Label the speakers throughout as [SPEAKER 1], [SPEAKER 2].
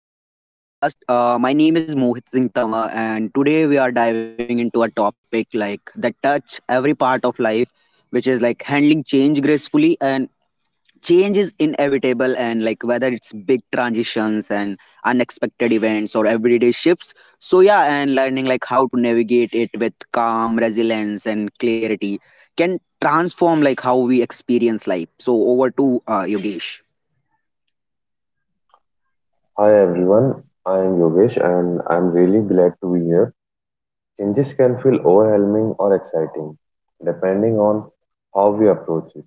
[SPEAKER 1] and welcome to the podcast. My name is Mohit Singh Tama, and today we are diving into a topic like that touch every part of life, which is like handling change gracefully. And change is inevitable, and like whether it's big transitions and unexpected events or everyday shifts. So, yeah, and learning like how to navigate it with calm, resilience, and clarity can transform like how we experience life. So, over to Yogesh.
[SPEAKER 2] Hi everyone, I am Yogesh and I'm really glad to be here. Changes can feel overwhelming or exciting, depending on how we approach it.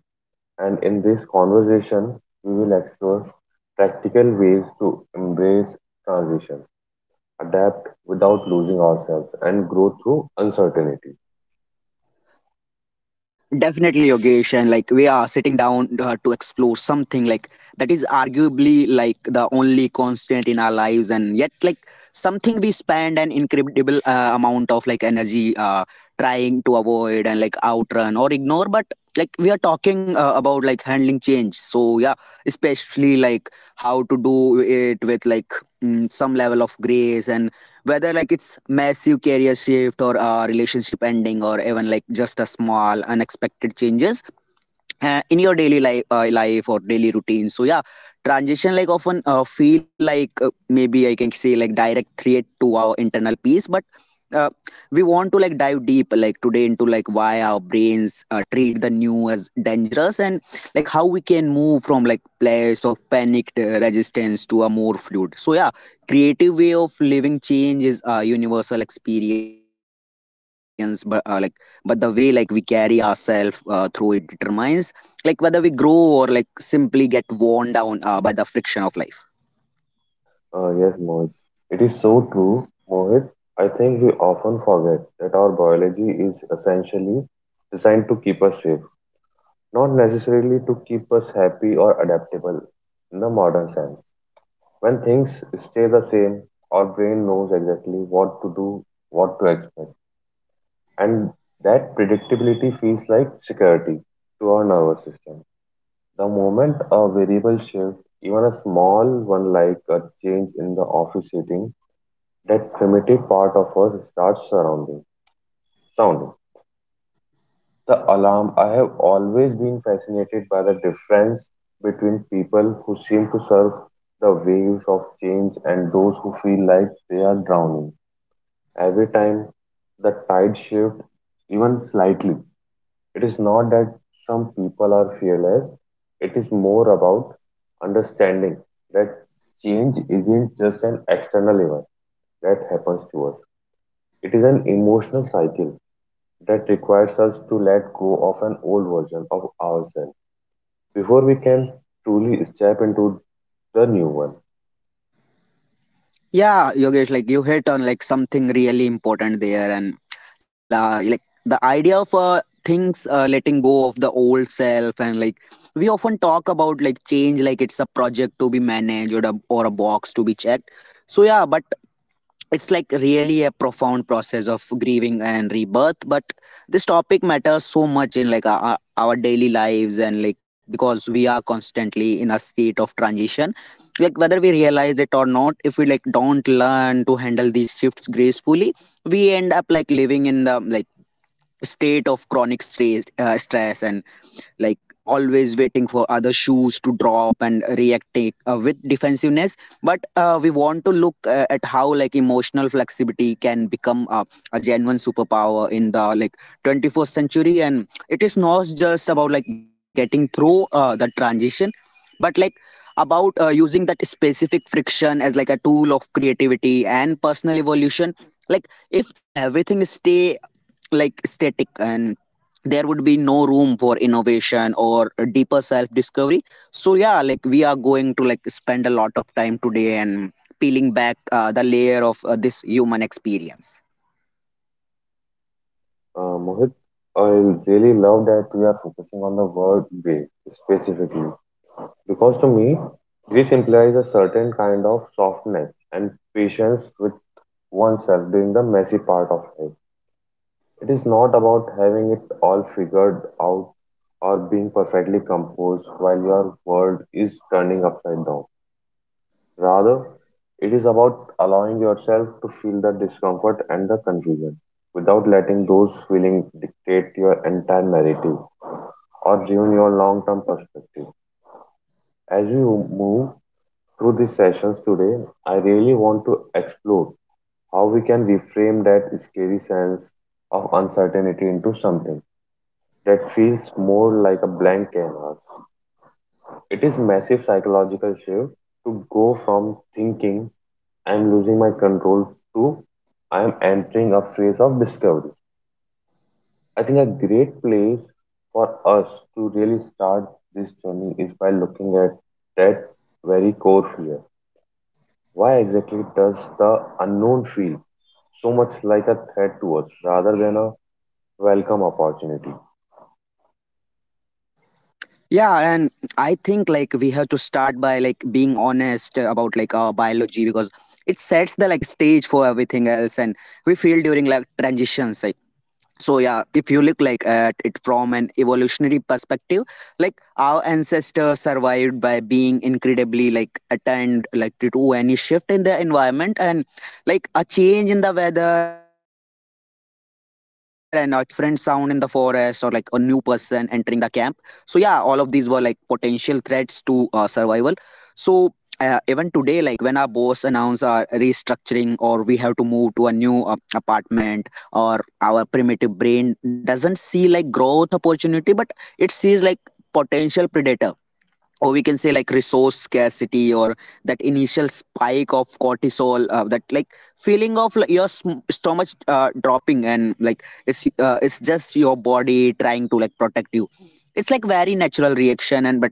[SPEAKER 2] And in this conversation, we will explore practical ways to embrace transition, adapt without losing ourselves, and grow through uncertainty.
[SPEAKER 1] Definitely, Yogesh, and like we are sitting down to explore something like that is arguably like the only constant in our lives, and yet like something we spend an incredible amount of like energy trying to avoid and like outrun or ignore. But like we are talking about like handling change, so yeah, especially like how to do it with like some level of grace and whether like it's massive career shift or a relationship ending or even like just a small unexpected changes in your daily life life or daily routine, so yeah, transition like often feel like maybe I can say like direct threat to our internal peace. But uh, we want to like dive deep like today into like why our brains treat the new as dangerous and like how we can move from like place of panicked resistance to a more fluid, so yeah, creative way of living. Change is a universal experience, but the way like we carry ourselves through it determines like whether we grow or like simply get worn down by the friction of life.
[SPEAKER 2] Yes, Mohit, it is so true, Mohit. I think we often forget that our biology is essentially designed to keep us safe, not necessarily to keep us happy or adaptable in the modern sense. When things stay the same, our brain knows exactly what to do, what to expect, and that predictability feels like security to our nervous system. The moment a variable shift, even a small one like a change in the office setting, that primitive part of us starts surrounding, sounding the alarm. I have always been fascinated by the difference between people who seem to surf the waves of change and those who feel like they are drowning. Every time the tide shifts, even slightly, it is not that some people are fearless, it is more about understanding that change isn't just an external event that happens to us, it is an emotional cycle that requires us to let go of an old version of ourselves before we can truly step into the new one.
[SPEAKER 1] Yeah, Yogesh, like you hit on like something really important there, and like the idea of things letting go of the old self, and like we often talk about like change like it's a project to be managed, or a box to be checked, so yeah, but it's like really a profound process of grieving and rebirth. But this topic matters so much in like our daily lives, and like because we are constantly in a state of transition, like whether we realize it or not. If we like don't learn to handle these shifts gracefully, we end up like living in the like state of chronic stress and like always waiting for other shoes to drop and reacting with defensiveness. But we want to look at how like emotional flexibility can become a genuine superpower in the like 21st century, and it is not just about like getting through the transition, but like about using that specific friction as like a tool of creativity and personal evolution. Like if everything stay like static, and there would be no room for innovation or a deeper self discovery. So yeah, like we are going to like spend a lot of time today and peeling back the layer of this human experience.
[SPEAKER 2] Mohit, I really love that we are focusing on the word way specifically because, to me, this implies a certain kind of softness and patience with oneself during the messy part of life. It is not about having it all figured out or being perfectly composed while your world is turning upside down. Rather, it is about allowing yourself to feel the discomfort and the confusion without letting those feelings dictate your entire narrative or ruin your long term perspective. As we move through these sessions today, I really want to explore how we can reframe that scary sense of uncertainty into something that feels more like a blank canvas. It is massive psychological shift to go from thinking I am losing my control too. I am entering a phase of discovery. I think a great place for us to really start this journey is by looking at that very core fear. Why exactly does the unknown feel so much like a threat to us rather than a welcome opportunity?
[SPEAKER 1] Yeah, and I think like we have to start by like being honest about like our biology, because it sets the like stage for everything else and we feel during like transitions like. So yeah, if you look like at it from an evolutionary perspective, like our ancestors survived by being incredibly like attend like to any shift in the environment, and like a change in the weather and a different sound in the forest or like a new person entering the camp. So yeah, all of these were like potential threats to survival. So even today, like when our boss announce our restructuring or we have to move to a new apartment, or our primitive brain doesn't see like growth opportunity, but it sees like potential predator, or we can say like resource scarcity, or that initial spike of cortisol that like feeling of like, your stomach dropping, and like it's just your body trying to like protect you. It's like very natural reaction. And but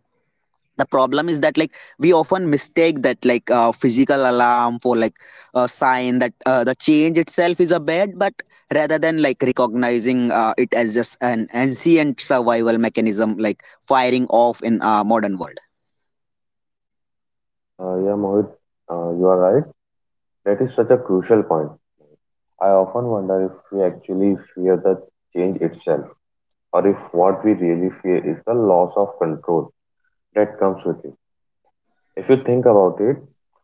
[SPEAKER 1] the problem is that like we often mistake that like physical alarm for like a sign that the change itself is a bad, but rather than like recognizing it as just an ancient survival mechanism like firing off in a modern world.
[SPEAKER 2] Yeah, Mohit, you are right. That is such a crucial point. I often wonder if we actually fear the change itself or if what we really fear is the loss of control that comes with it. If you think about it,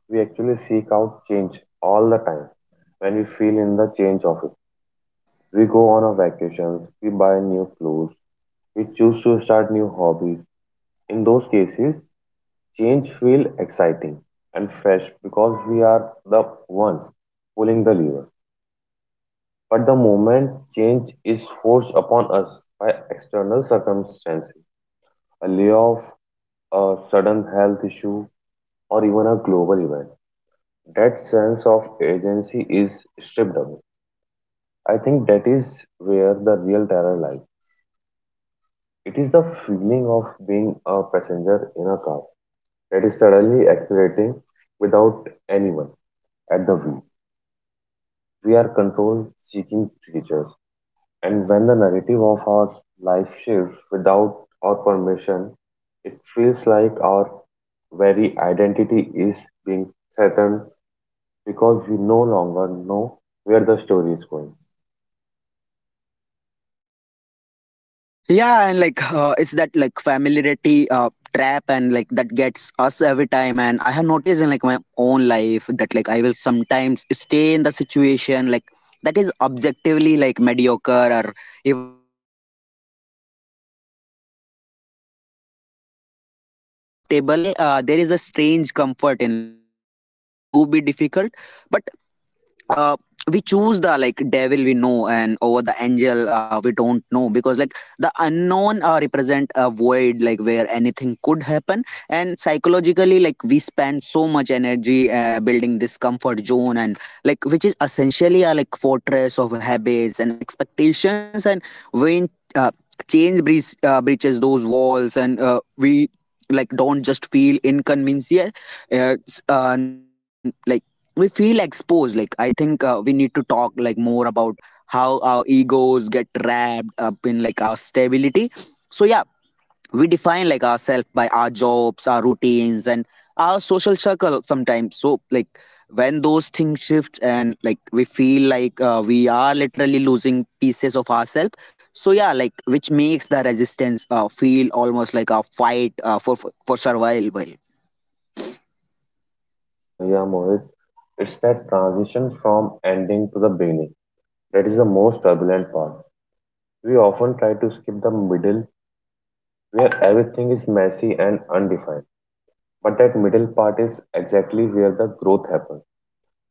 [SPEAKER 2] we actually seek out change all the time. When we feel in the change of it, we go on a vacations, we buy new clothes, we choose to start new hobbies. In those cases, change feel exciting and fresh because we are the ones pulling the lever. But the moment change is forced upon us by external circumstances, a layoff, a sudden health issue, or even a global event, that sense of agency is stripped away. I think that is where the real terror lies. It is the feeling of being a passenger in a car that is suddenly accelerating without anyone at the wheel. We are control seeking creatures, and when the narrative of our life shifts without our permission, it feels like our very identity is being threatened because we no longer know where the story is going.
[SPEAKER 1] Yeah, and like it's that like familiarity trap, and like that gets us every time. And I have noticed in like my own life that like I will sometimes stay in the situation like that is objectively like mediocre or even slightly painful, and simply like because it is predictable, there is a strange comfort in like knowing exactly how things are going to be difficult. But uh, we choose the like devil we know and over the angel we don't know, because like the unknown represent a void like where anything could happen. And psychologically, like we spend so much energy building this comfort zone, and like which is essentially a like fortress of habits and expectations. And when uh, change breaches those walls, and we like don't just feel inconvenienced, uh, s- uh, like we feel exposed. Like I think we need to talk like more about how our egos get wrapped up in like our stability. So yeah, we define like ourselves by our jobs, our routines, and our social circle sometimes. So like when those things shift, and like we feel like we are literally losing pieces of ourselves. So yeah, like which makes the resistance feel almost like a fight for survival.
[SPEAKER 2] Yeah, Mohit. It's that transition from ending to the beginning that is the most turbulent part. We often try to skip the middle where everything is messy and undefined. But that middle part is exactly where the growth happens.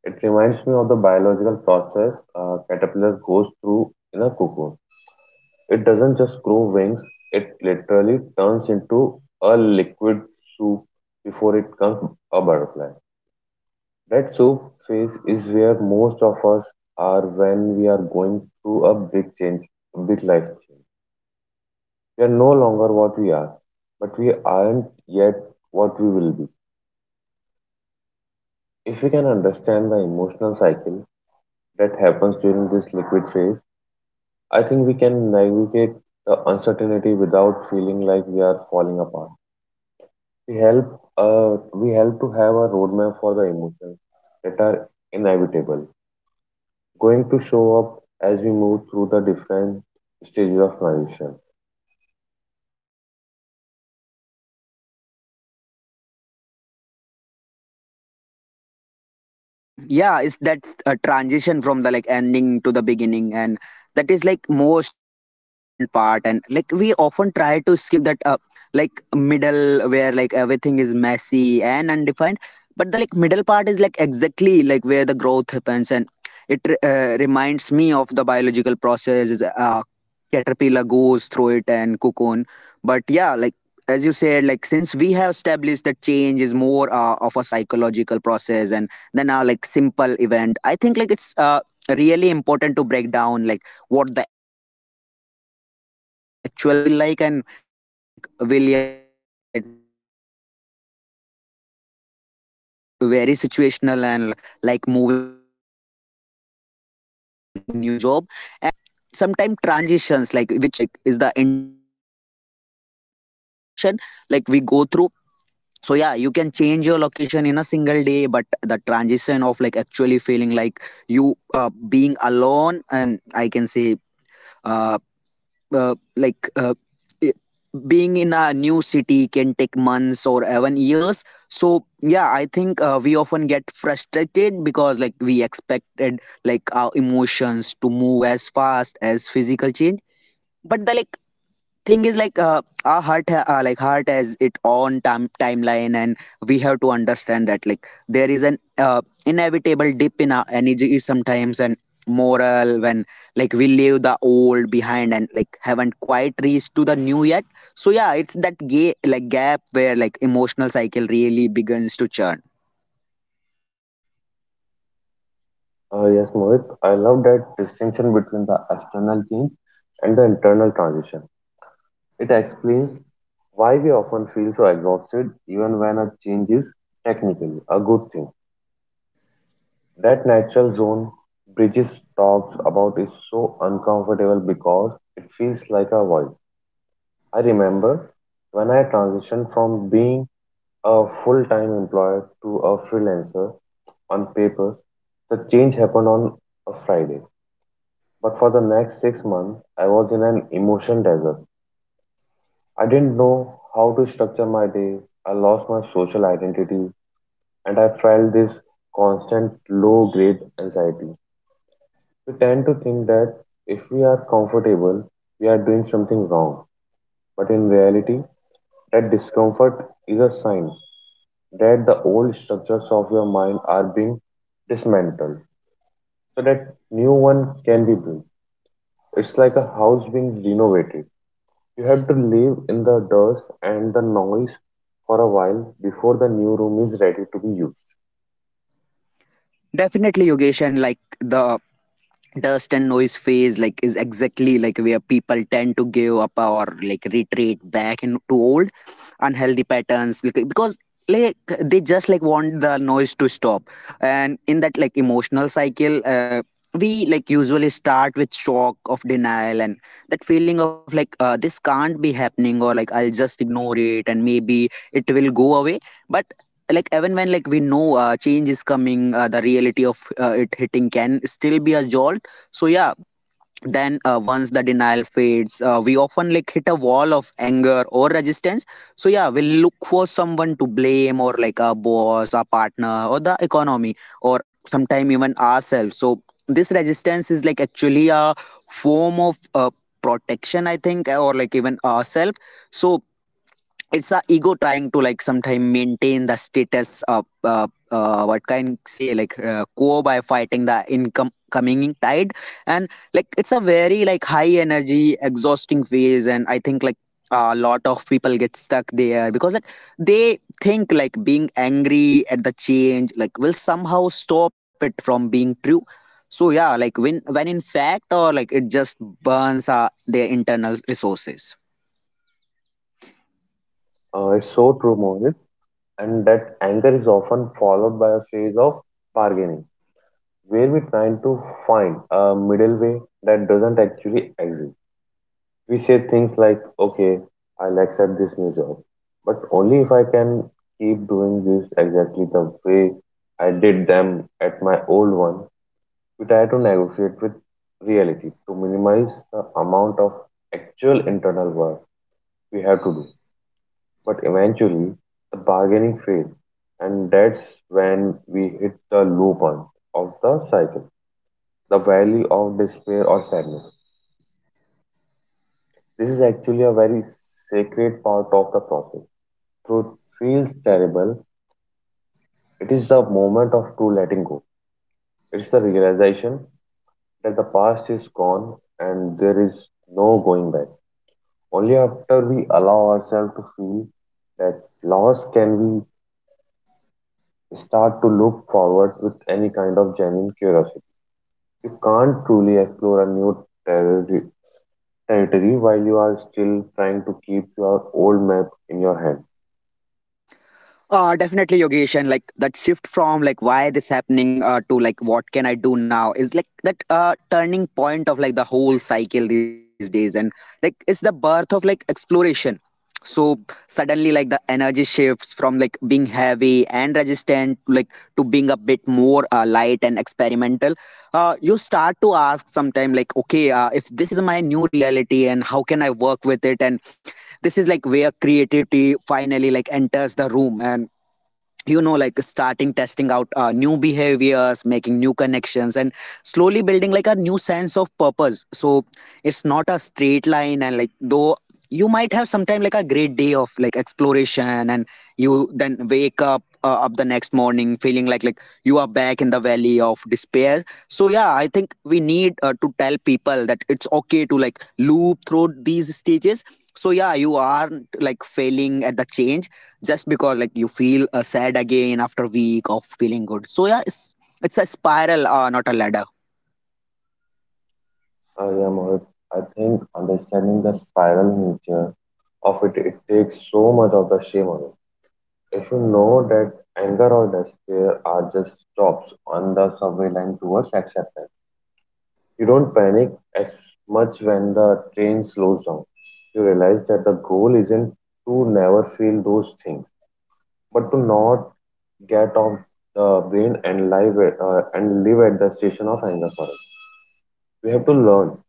[SPEAKER 2] It reminds me of the biological process a caterpillar goes through in a cocoon. It doesn't just grow wings, it literally turns into a liquid soup before it becomes a butterfly. That soup phase is where most of us are when we are going through a big change, a big life change. We are no longer what we are, but we aren't yet what we will be. If we can understand the emotional cycle that happens during this liquid phase, I think we can navigate the uncertainty without feeling like we are falling apart. We help to have a roadmap for the emotions that are inevitable. Going to show up as we move through the different stages of transition.
[SPEAKER 1] Yeah, it's that's a transition from the like ending to the beginning, and that is like most turbulent part, and like we often try to skip that like middle where like everything is messy and undefined. But the like middle part is like exactly like where the growth happens. And it reminds me of the biological processes caterpillar goes through it and cocoon. But yeah, like as you said, like since we have established that change is more of a psychological process and than a like simple event, I think like it's really important to break down like what the actual middle phase feel like. And there are like famous model by like William Bridges that makes a huge distinction between change, so yeah, which is very situational, and like moving houses or getting new job. And sometimes transitions, like which like is the internal psychological or reorientation like we go through. So yeah, you can change your location in a single day, but the transition of like actually feeling like you being alone, and I can say uh, uh like uh, i- being in a new city can take months or even years. So yeah, I think we often get frustrated because like we expected like our emotions to move as fast as physical change. But the like thing is like our heart ha- like heart has its own timeline and we have to understand that like there is an inevitable dip in our energy sometimes and moral when like we leave the old behind, and like haven't quite reached to the new yet. So yeah, it's that gay like gap where like emotional cycle really begins to churn.
[SPEAKER 2] Yes, Mohit, I love that distinction between the external change and the internal transition. It explains why we often feel so exhausted even when a change is technically a good thing. That natural zone Bridges talks about is so uncomfortable because it feels like a void. I remember when I transitioned from being a full time employer to a freelancer. On paper, the change happened on a Friday, but for the next 6 months, I was in an emotion desert. I didn't know how to structure my day, I lost my social identity, and I felt this constant low grade anxiety. We tend to think that if we are comfortable, we are doing something wrong, but in reality, that discomfort is a sign that the old structures of your mind are being dismantled so that new one can be built. It's like a house being renovated. You have to live in the dust and the noise for a while before the new room is ready to be used.
[SPEAKER 1] Definitely, Yogesh, and like the dust and noise phase like is exactly like where people tend to give up or like retreat back into old unhealthy patterns, because like they just like want the noise to stop. And in that like emotional cycle, we like usually start with shock of denial, and that feeling of like this can't be happening, or like I'll just ignore it and maybe it will go away. But like even when like we know change is coming, the reality of it hitting can still be a jolt. So yeah, then once the denial fades, we often like hit a wall of anger or resistance. So yeah, we'll look for someone to blame, or like a boss, a partner, or the economy, or sometime even ourselves. So this resistance is like actually a form of protection, I think, or like even ourselves. So it's a ego trying to like sometime maintain the status of what can say like quo by fighting the income coming tide. And like it's a very like high energy exhausting phase, and I think like a lot of people get stuck there because like they think like being angry at the change like will somehow stop it from being true. So yeah, like when in fact, or like it just burns their internal resources.
[SPEAKER 2] It's so true, Mohit, and that anger is often followed by a phase of bargaining, where we try to find a middle way that doesn't actually exist. We say things like, "Okay, I'll accept this new job, but only if I can keep doing this exactly the way I did them at my old one." We try to negotiate with reality to minimize the amount of actual internal work we have to do. But eventually, the bargaining fails, and that's when we hit the low point of the cycle, the valley of despair or sadness. This is actually a very sacred part of the process. Truth feels terrible. It is the moment of true letting go. It's the realization that the past is gone and there is no going back. Only after we allow ourselves to feel that loss can we start to look forward with any kind of genuine curiosity. You can't truly explore a territory while you are still trying to keep your old map in your hand.
[SPEAKER 1] Definitely, Yogesh, and like that shift from like why this happening to like what can I do now is like that turning point of like the whole cycle these days, and like it's the birth of like exploration. So suddenly, like the energy shifts from like being heavy and resistant, to, like to being a bit more light and experimental. You start to ask sometime like, okay, if this is my new reality and how can I work with it, and this is like where creativity finally like enters the room, and like starting testing out new behaviors, making new connections, and slowly building like a new sense of purpose. So it's not a straight line, and like though you might have sometime like a great day of like exploration, and you then wake up up the next morning feeling like you are back in the valley of despair. So yeah, I think we need to tell people that it's okay to like loop through these stages. So yeah, you aren't like failing at the change just because like you feel sad again after a week of feeling good. So yeah, it's a spiral, not a ladder.
[SPEAKER 2] I am Mohit. I think understanding the spiral nature of it, it takes so much of the shame away. If you know that anger or despair are just stops on the subway line towards acceptance, you don't panic as much when the train slows down. You realize that the goal isn't to never feel those things, but to not get off the brain and and live at the station of anger forever. We have to learn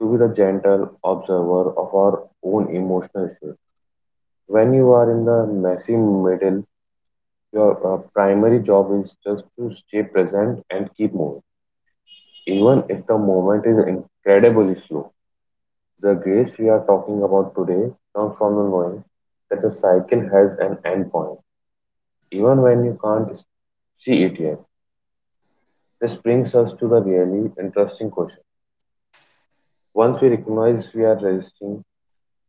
[SPEAKER 2] to be the gentle observer of our own emotional state. When you are in the messy middle, your primary job is just to stay present and keep moving, even if the moment is incredibly slow. The grace we are talking about today comes from the knowing that the cycle has an end point, even when you can't s- see it yet. This brings us to the really interesting question. Once we recognize we are resisting,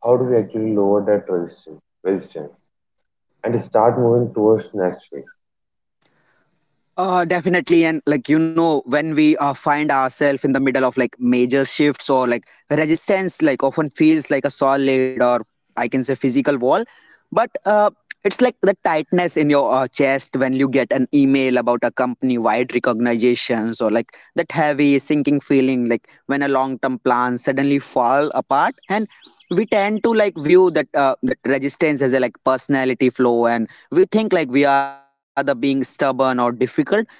[SPEAKER 2] how do we actually lower that resistance and start moving towards next phase?
[SPEAKER 1] Definitely. And like, you know, when we find ourselves in the middle of like major shifts or like resistance, like often feels like a solid or I can say physical wall. But it's like the tightness in your chest when you get an email about a company wide recognitions, or like that heavy sinking feeling, like when a long term plan suddenly fall apart. And we tend to like view that resistance as a like personality flaw, and we think like we are the being stubborn or difficult. But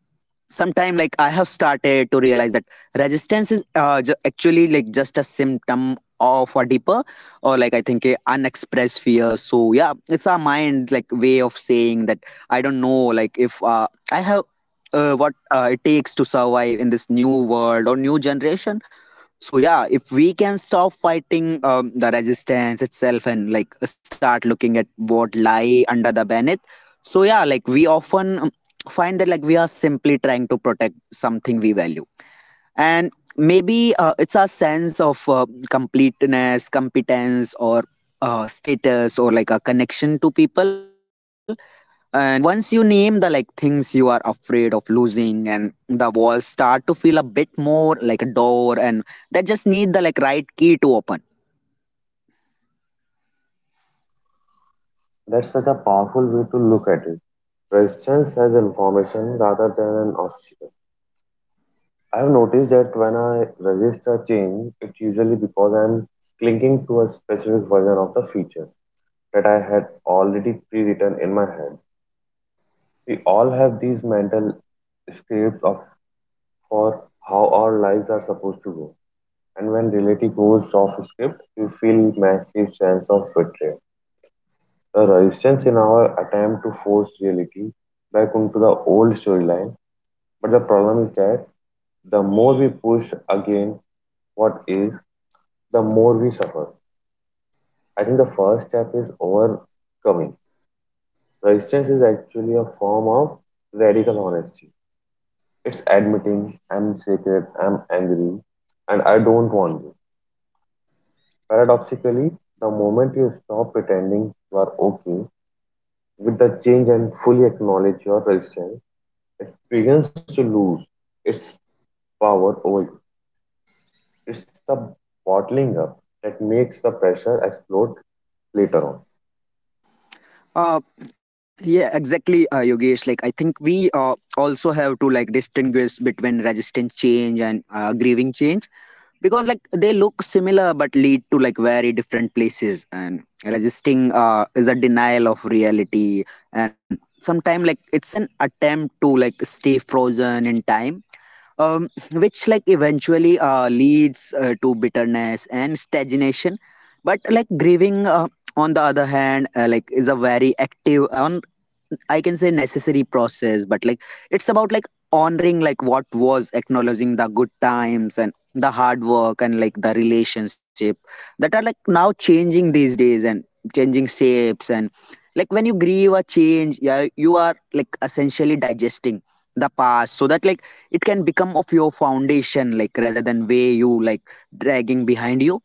[SPEAKER 1] sometime like I have started to realize that resistance is actually like just a symptom of a deeper, or like I think a unexpressed fear. So yeah, it's our mind like way of saying that I don't know like if I have what it takes to survive in this new world or new generation. So yeah, if we can stop fighting the resistance itself, and like start looking at what lie under the bonnet, so yeah, like we often find that like we are simply trying to protect something we value, and maybe it's our sense of completeness, competence, or status, or like a connection to people. And once you name the like things you are afraid of losing, and the walls start to feel a bit more like a door, and that just need the like right key to open.
[SPEAKER 2] That's such a powerful way to look at it. Resistance as information rather than an obstacle. I have noticed that when I resist a change, it's usually because I'm clinging to a specific version of the feature that I had already pre-written in my head. We all have these mental scripts of for how our lives are supposed to go, and when reality goes off script, we feel massive sense of betrayal. The resistance in our attempt to force reality back onto the old storyline, but the problem is that the more we push again what is, the more we suffer. I think the first step is overcoming. Resistance is actually a form of radical honesty. It's admitting I'm scared, I'm angry, and I don't want you. Paradoxically, the moment you stop pretending you are okay with the change and fully acknowledge your resistance, it begins to lose its power over you. It's the bottling up that makes the pressure explode later on.
[SPEAKER 1] uh yeah, exactly, yogesh, like I think we also have to like distinguish between resistant change and grieving change, because like they look similar but lead to like very different places. And resisting is a denial of reality, and sometimes like it's an attempt to like stay frozen in time, which like eventually leads to bitterness and stagnation. But like grieving on the other hand like is a very active on, I can say necessary process. But like it's about like honoring like what was, acknowledging the good times and the hard work and like the relationship that are like now changing these days, and changing shapes. And like when you grieve a change, you are like essentially digesting the past so that like it can become of your foundation, like rather than way you like dragging behind you.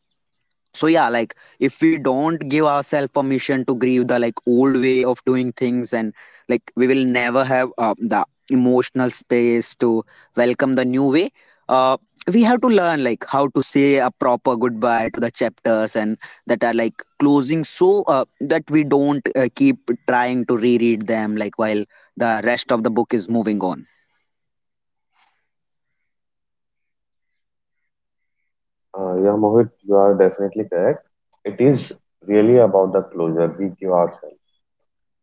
[SPEAKER 1] So yeah, like if we don't give ourselves permission to grieve the like old way of doing things, and like we will never have the emotional space to welcome the new way. uh, we have to learn like how to say a proper goodbye to the chapters, and that are like closing, so that we don't keep trying to reread them like while the rest of the book is moving on.
[SPEAKER 2] Yeah, Mohit, you are definitely correct. It is really about the closure we give ourselves.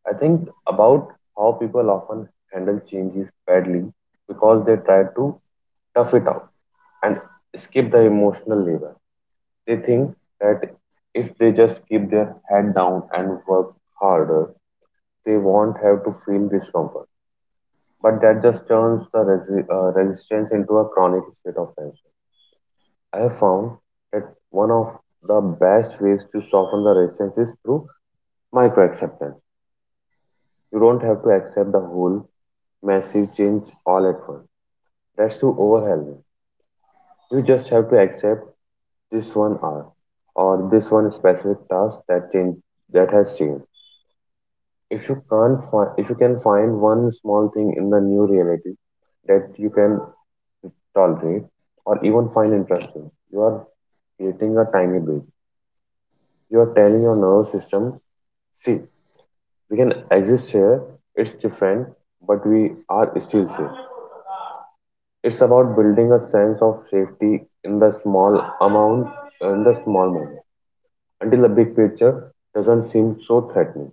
[SPEAKER 2] I think about how people often handle changes badly because they try to tough it out and skip the emotional labor. They think that if they just keep their head down and work harder, they won't have to feel discomfort. But that just turns the resistance into a chronic state of tension. I have found that one of the best ways to soften the resistance is through micro acceptance. You don't have to accept the whole massive change all at once. That's too overwhelming. You just have to accept this one hour or this one specific task that has changed. If you can find one small thing in the new reality that you can tolerate or even find interesting, you are creating a tiny bit. You are telling your nervous system, see, we can exist here, it's different, but we are still safe. It's about building a sense of safety in the small amount, in the small moment, until the big picture doesn't seem so threatening.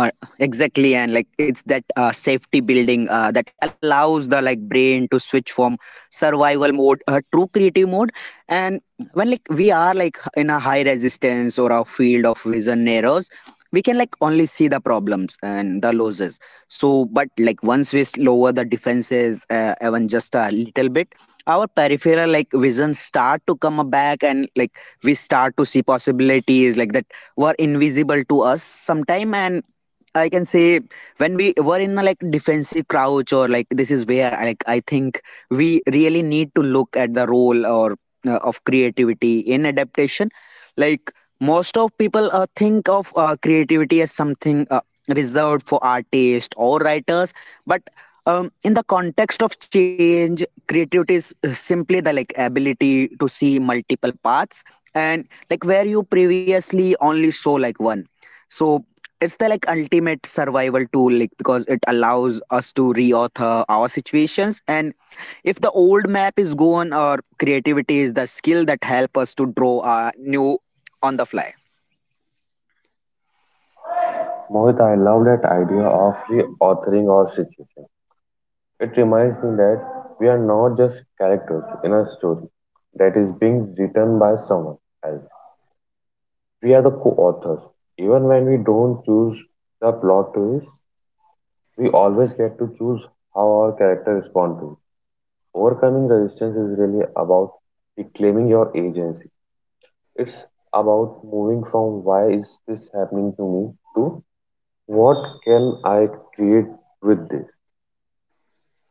[SPEAKER 1] Uh, exactly, and like it's that safety building that allows the like brain to switch from survival mode, true creative mode, and when like we are like in a high resistance, or our field of vision narrows, we can like only see the problems and the losses. So, but like once lower the defenses, even just a little bit, our peripheral like vision start to come back, and like we start to see possibilities like that were invisible to us sometime, and I can say when we were in a like defensive crouch. Or like this is where like I think we really need to look at the role or of creativity in adaptation. Like most of people think of creativity as something reserved for artists or writers, but in the context of change, creativity is simply the like ability to see multiple paths, and like where you previously only saw like one. So it's the like ultimate survival tool like, because it allows us to reauthor our situations. And if the old map is gone, our creativity is the skill that help us to draw a new on the fly.
[SPEAKER 2] Mohit, I love that idea of reauthoring our situation. It reminds me that we are not just characters in a story that is being written by someone else. We are the co authors. Even when we don't choose the plot twist, we always get to choose how our character responds to it. Overcoming resistance is really about reclaiming your agency. It's about moving from why is this happening to me to what can I create with this?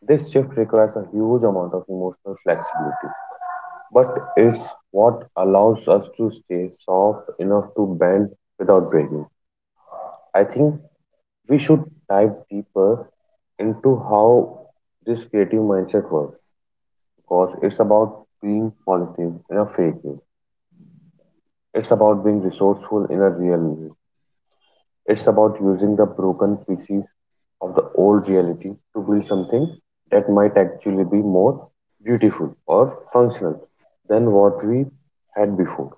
[SPEAKER 2] This shift requires a huge amount of emotional flexibility, but it's what allows us to stay soft enough to bend without breaking. I think we should dive deeper into how this creative mindset works, because it's about being positive in a fake way. It's about being resourceful in a real way. It's about using the broken pieces of the old reality to build something that might actually be more beautiful or functional than what we had before.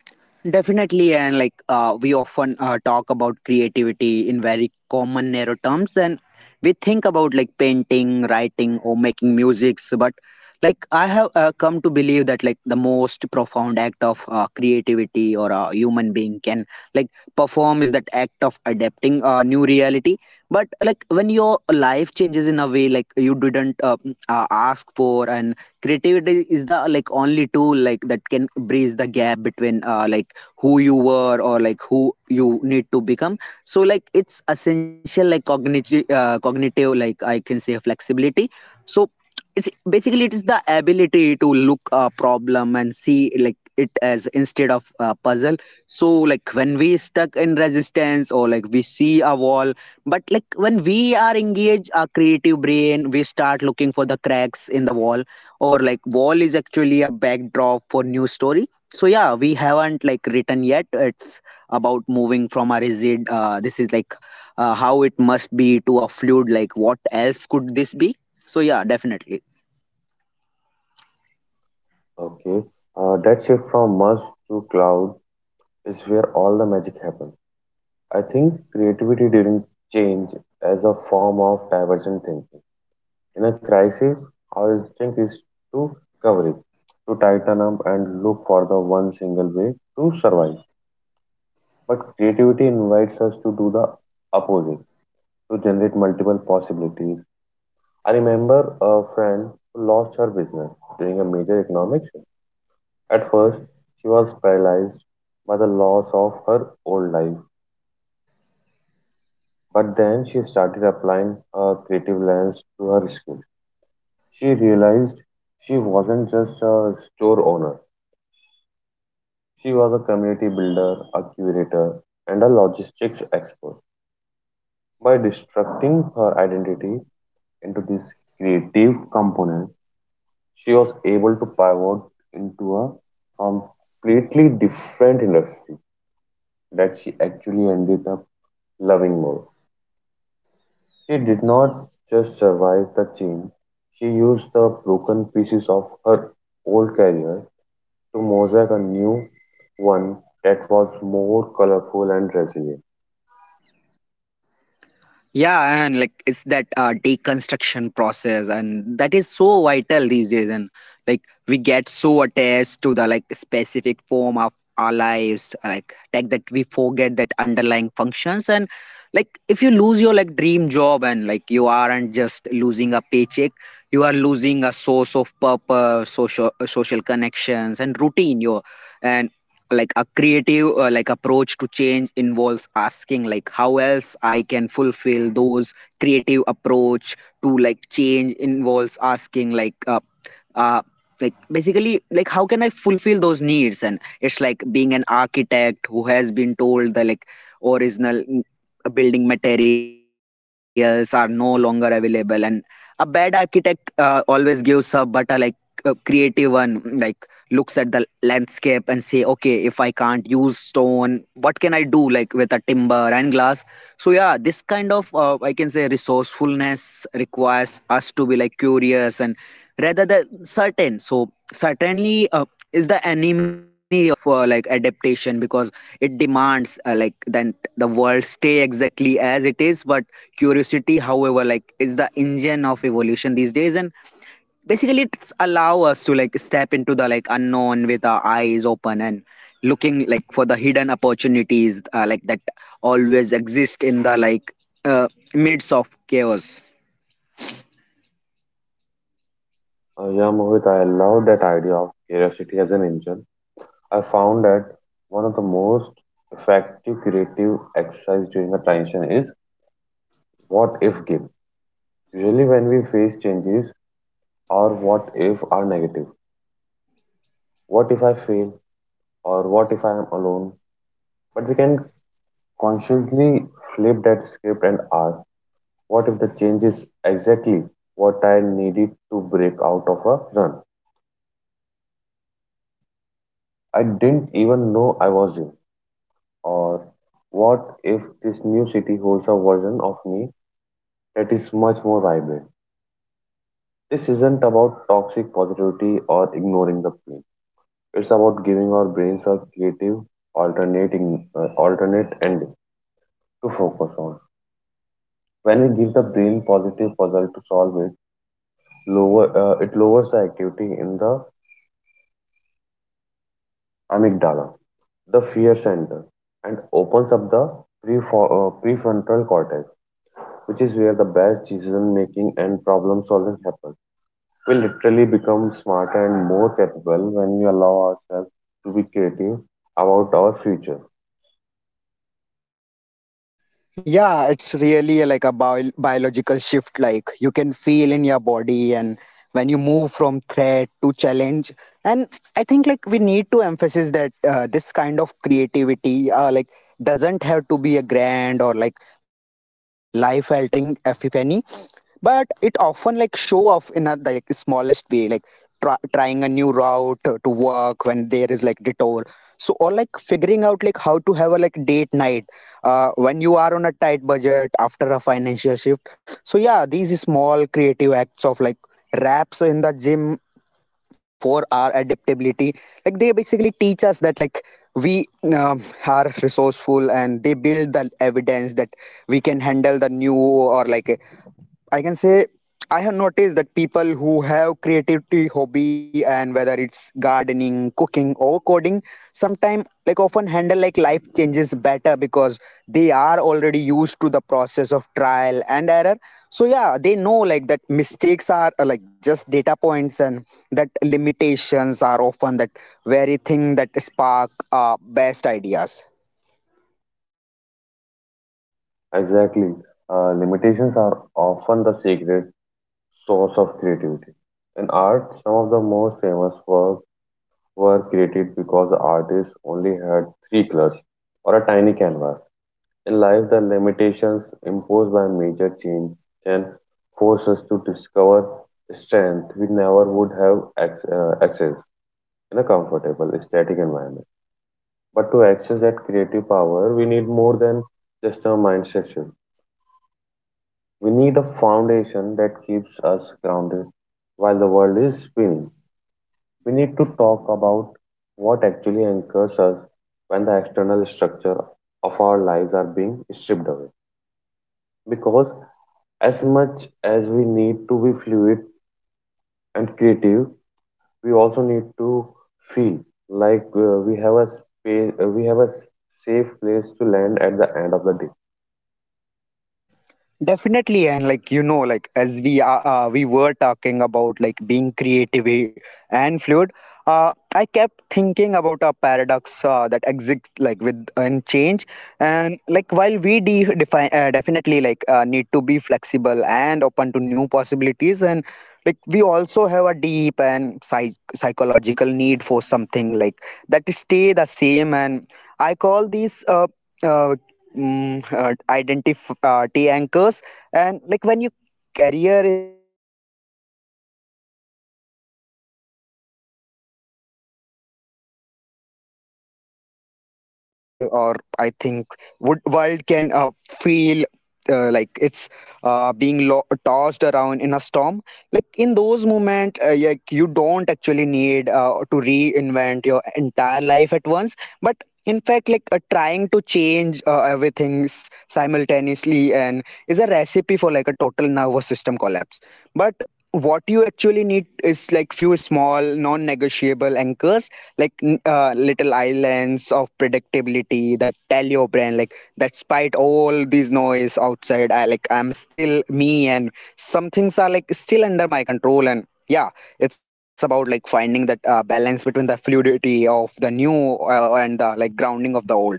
[SPEAKER 1] Definitely, and like we often talk about creativity in very common narrow terms, and we think about like painting, writing, or making musics. But like I have come to believe that like the most profound act of creativity or a human being can like perform is that act of adapting a new reality. But like when your life changes in a way like you didn't ask for, and creativity is the like only tool like that can bridge the gap between like who you were, or like who you need to become. So like it's essential like cognitive like I can say flexibility. So it's basically it is the ability to look a problem and see like it as instead of a puzzle. So like when we stuck in resistance, or like we see a wall, but like when we are engaged our creative brain, we start looking for the cracks in the wall, or like wall is actually a backdrop for new story, so yeah we haven't like written yet. It's about moving from a rigid this is like how it must be, to a fluid like what else could this be. So yeah, definitely.
[SPEAKER 2] Okay, that shift from must to cloud is where all the magic happens. I think creativity during change as a form of divergent thinking. In a crisis, our instinct is to cover it, to tighten up and look for the one single way to survive. But creativity invites us to do the opposite, to generate multiple possibilities. I remember a friend who lost her business during a major economic shift. At first, she was paralyzed by the loss of her old life, but then she started applying a creative lens to her skills. She realized she wasn't just a store owner, she was a community builder, a curator, and a logistics expert. By destructing her identity into this creative component, she was able to pivot into a completely different industry that she actually ended up loving more. She did not just survive the change, she used the broken pieces of her old career to mosaic a new one that was more colorful and resilient.
[SPEAKER 1] Yeah, and like it's that deconstruction process, and that is so vital these days. And like we get so attached to the like specific form of our lives like tech, that we forget that underlying functions. And like if you lose your like dream job, and like you aren't just losing a paycheck, you are losing a source of purpose, social connections and routine, your, and like a creative like approach to change involves asking like how else I can fulfill those. Creative approach to like change involves asking uh like basically like how can I fulfill those needs. And it's like being an architect who has been told the like original building materials are no longer available. And a bad architect always gives up, but a like a creative one like looks at the landscape and say, okay, if I can't use stone, what can I do like with a timber and glass. So yeah, this kind of I can say resourcefulness requires us to be like curious and rather than certain. So certainly is the enemy of like adaptation, because it demands like then the world stay exactly as it is. But curiosity however like is the engine of evolution these days, and basically it's allow us to like step into the like unknown with our eyes open, and looking like for the hidden opportunities like that always exist in the like uh, midst of chaos.
[SPEAKER 2] Yeah, Mohit, I love that idea of curiosity as an engine. I found that one of the most effective creative exercise during a transition is what if game. Usually when we face changes, our what if are negative. What if I fail or what if I am alone? But we can consciously flip that script and ask, what if the change is exactly what I needed to break out of a run I didn't even know I was in? Or what if this new city holds a version of me that is much more vibrant? This isn't about toxic positivity or ignoring the pain. It's about giving our brains a creative, alternate ending to focus on. When we give the brain positive puzzle to solve it, lower it lowers the activity in the amygdala, the fear center, and opens up the prefrontal cortex, which is where the best decision making and problem solving happens. We literally become smarter and more capable when we allow ourselves to be creative about our future.
[SPEAKER 1] Yeah, it's really like a biological shift. Like you can feel in your body, and when you move from threat to challenge, and I think like we need to emphasize that this kind of creativity, like doesn't have to be a grand or like life-altering epiphany, but it often like show off in a like smallest way, like trying a new route to work when there is like detour, so or like figuring out like how to have a like date night when you are on a tight budget after a financial shift. So yeah, these small creative acts of like raps in the gym for our adaptability, like they basically teach us that we um, are resourceful, and they build the evidence that we can handle the new. Or like I can say, I have noticed that people who have creativity hobby, and whether it's gardening, cooking or coding, sometimes like often handle like life changes better because they are already used to the process of trial and error. So yeah, they know like that mistakes are like just data points, and that limitations are often that very thing that spark best ideas.
[SPEAKER 2] Exactly. Limitations are often the secret source of creativity. In art, some of the most famous works were created because the artist only had three colors or a tiny canvas. In life, the limitations imposed by major change can force us to discover strength we never would have accessed in a comfortable, static environment. But to access that creative power, we need more than just a mind structure. We need a foundation that keeps us grounded while the world is spinning. We need to talk about what actually anchors us when the external structure of our lives are being stripped away. Because as much as we need to be fluid and creative, we also need to feel we have a we have a safe place to land at the end of the day.
[SPEAKER 1] Definitely, and like you know, like as we are, we were talking about like being creative and fluid. I kept thinking about a paradox that exists like with and change, and like while we define definitely like need to be flexible and open to new possibilities, and like we also have a deep and psychological need for something like that to stay the same. And I call these uh, identity T anchors. And like when your career is like shifting, or you, or your living situation is in a flux, like or you are in a navigating a loss, or your internal or I think would world can feel like it's being tossed around in a storm, like in those moments like you don't actually need to reinvent your entire life at once, but in fact like trying to change everything simultaneously and is a recipe for like a total nervous system collapse. But what you actually need is like few small non-negotiable anchors, like little islands of predictability that tell your brain like despite all these noise outside, I like I'm still me, and some things are like still under my control. And yeah, it's about like finding that balance between the fluidity of the new and the like grounding of the old.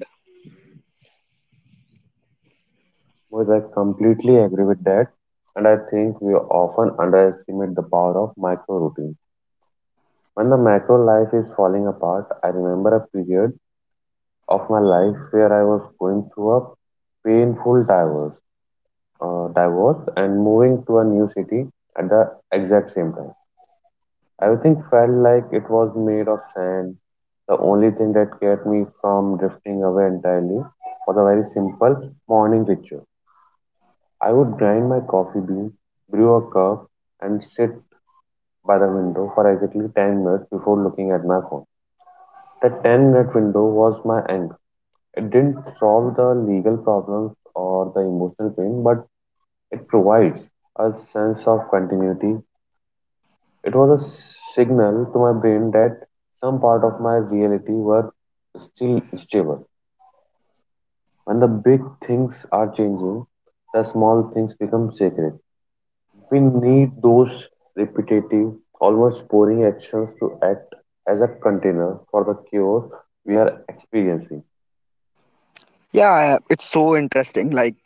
[SPEAKER 2] Well, I completely agree with that, and I think we often underestimate the power of micro routine. When the macro life is falling apart, I remember a period of my life where I was going through a painful divorce, divorce, and moving to a new city at the exact same time. Everything felt like it was made of sand. The only thing that kept me from drifting away entirely was a very simple morning ritual. I would grind my coffee bean, brew a cup, and sit by the window for exactly 10 minutes before looking at my phone. That 10-minute window was my anchor. It didn't solve the legal problems or the emotional pain, but it provides a sense of continuity. It was a signal to my brain that some part of my reality were still stable. When the big things are changing, the small things become sacred. We need those repetitive, almost boring actions to act as a container for the cure we are experiencing.
[SPEAKER 1] Yeah, it's so interesting like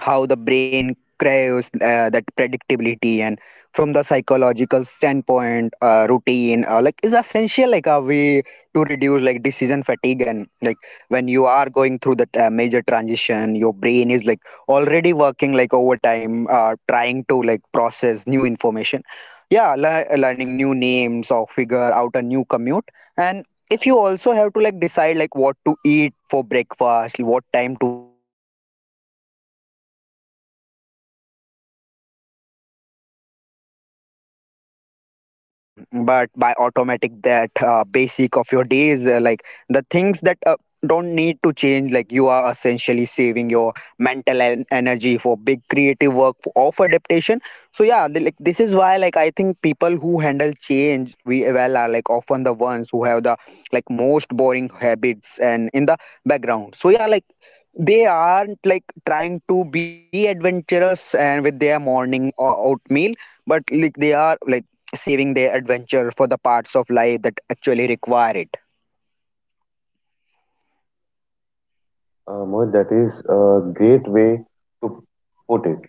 [SPEAKER 1] how the brain craves that predictability. And from the psychological standpoint, routine like is essential, like a way to reduce like decision fatigue. And like when you are going through that major transition, your brain is like already working like overtime, trying to like process new information. Yeah, learning new names or figure out a new commute, and if you also have to like decide like what to eat for breakfast, what time to wake up, and like when to check your mail, or you are just adding more cognitive load to like already an exhausted system. But by automatic that basic of your days, like the things that don't need to change, like you are essentially saving your mental energy for big creative work of adaptation. So yeah, like this is why like I think people who handle change we well are like often the ones who have the like most boring habits and in the background. So yeah like they aren't like trying to be adventurous and with their morning or out meal, but like they are like saving their adventure for the parts of life that actually require it.
[SPEAKER 2] Mohit, that is a great way to put it,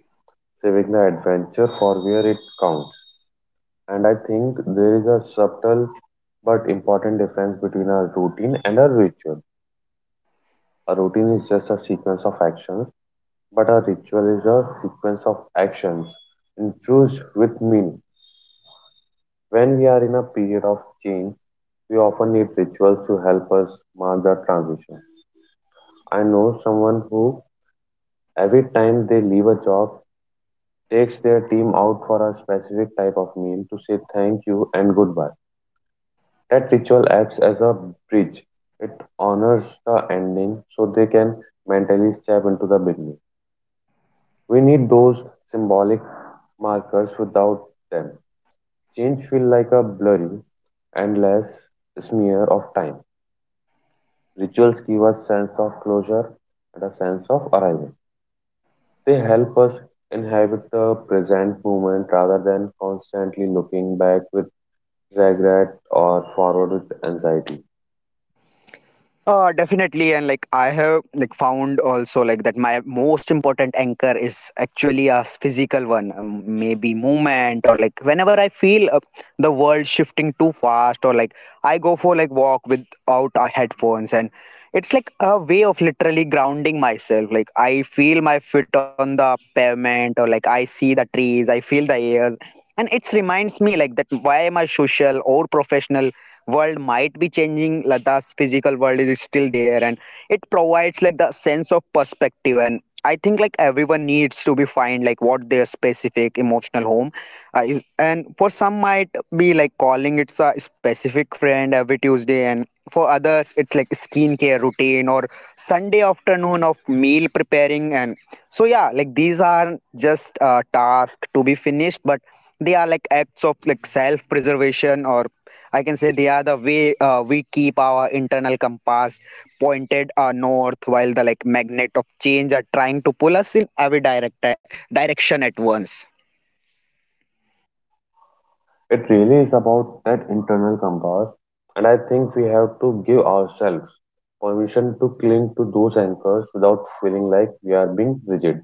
[SPEAKER 2] saving the adventure for where it counts. And I think there is a subtle but important difference between a routine and a ritual. A routine is just a sequence of actions, but a ritual is a sequence of actions infused with meaning. When we are in a period of change, we often need rituals to help us mark the transition. I know someone who, every time they leave a job, takes their team out for a specific type of meal to say thank you and goodbye. That ritual acts as a bridge. It honors the ending so they can mentally step into the beginning. We need those symbolic markers. Without them, change feels like a blurry, endless smear of time. Rituals give us sense of closure and a sense of arrival. They help us inhabit the present moment rather than constantly looking back with regret or forward with anxiety.
[SPEAKER 1] Definitely, and like I have like found also like that my most important anchor is actually a physical one, maybe movement. Or like whenever I feel the world shifting too fast, or like I go for like walk without headphones, and it's like a way of literally grounding myself. Like I feel my foot on the pavement, or like I see the trees, I feel the airs, and it reminds me like that why my social or professional world might be changing, like the physical world is still there and it provides like the sense of perspective. And I think like everyone needs to be find like what their specific emotional home is, and for some might be like calling it's a specific friend every Tuesday, and for others it's like skincare routine or Sunday afternoon of meal preparing. And so yeah like these are just tasks to be finished, but they are like acts of like self preservation. Or I can say they are the way we keep our internal compass pointed north while the like magnet of change are trying to pull us in every direction at once.
[SPEAKER 2] It really is about that internal compass, and I think we have to give ourselves permission to cling to those anchors without feeling like we are being rigid.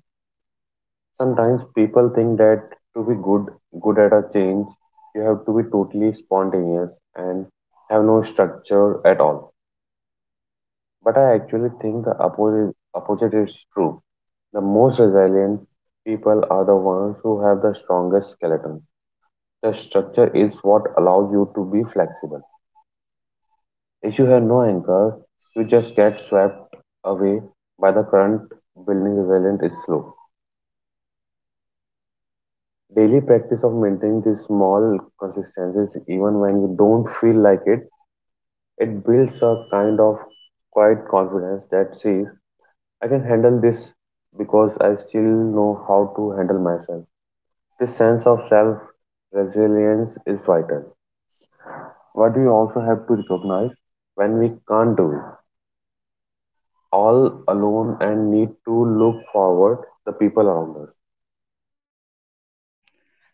[SPEAKER 2] Sometimes people think that to be good at a change, you have to be totally spontaneous and have no structure at all. But I actually think the opposite is true. The most resilient people are the ones who have the strongest skeleton. The structure is what allows you to be flexible. If you have no anchor, you just get swept away by the current. Building resilience is slow. Daily practice of maintaining these small consistencies, even when you don't feel like it builds a kind of quiet confidence that says, I can handle this because I still know how to handle myself. This sense of self resilience is vital. What we also have to recognize when we can't do it all alone and need to look forward the people around us.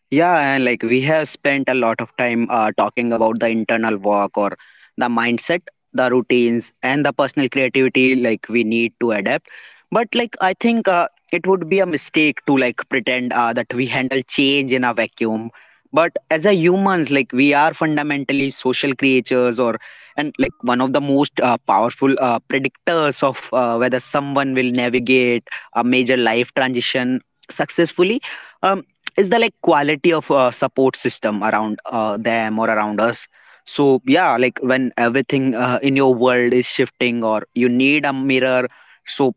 [SPEAKER 1] Yeah, and like we have spent a lot of time talking about the internal work or the mindset, the routines, and the personal creativity like we need to adapt. But like I think it would be a mistake to like pretend that we handle change in a vacuum. But as a humans, like we are fundamentally social creatures. Or and like one of the most powerful predictors of whether someone will navigate a major life transition successfully, Um, is the like quality of support system around them or around us. So yeah like when everything in your world is shifting, or you need a mirror. So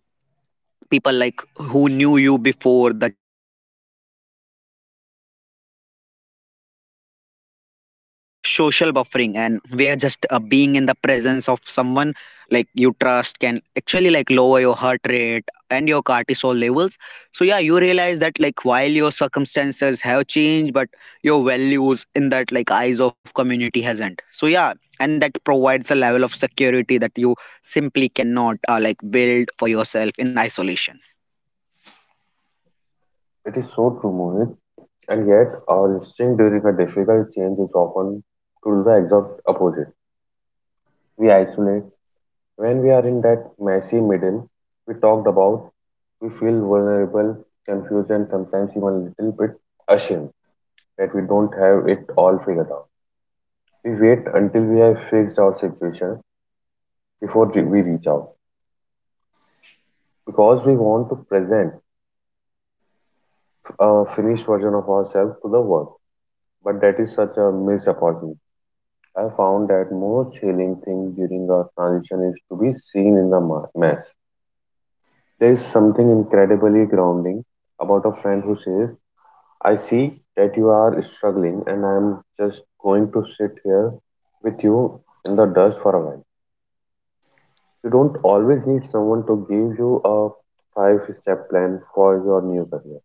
[SPEAKER 1] people like who knew you before the change and who will still be there after, it's that like feeling of social buffering, and where just being in the presence of someone like you trust can actually like lower your heart rate and your cortisol levels. So yeah you realize that like while your circumstances have changed, but your values in that like eyes of community hasn't. So yeah, and that provides a level of security that you simply cannot like build for yourself in isolation.
[SPEAKER 2] It is so true, Mohit. And yet, our instinct during a difficult change is often to do the exact opposite. We isolate. When we are in that messy middle we talked about, we feel vulnerable, confused, and sometimes even a little bit ashamed that we don't have it all figured out. We wait until we have fixed our situation before we reach out, because we want to present a finished version of ourselves to the world. But that is such a missed opportunity. I found that most healing thing during our transition is to be seen in the mess. There is something incredibly grounding about a friend who says, I see that you are struggling and I am just going to sit here with you in the dust for a while. You don't always need someone to give you a five step plan for your new career.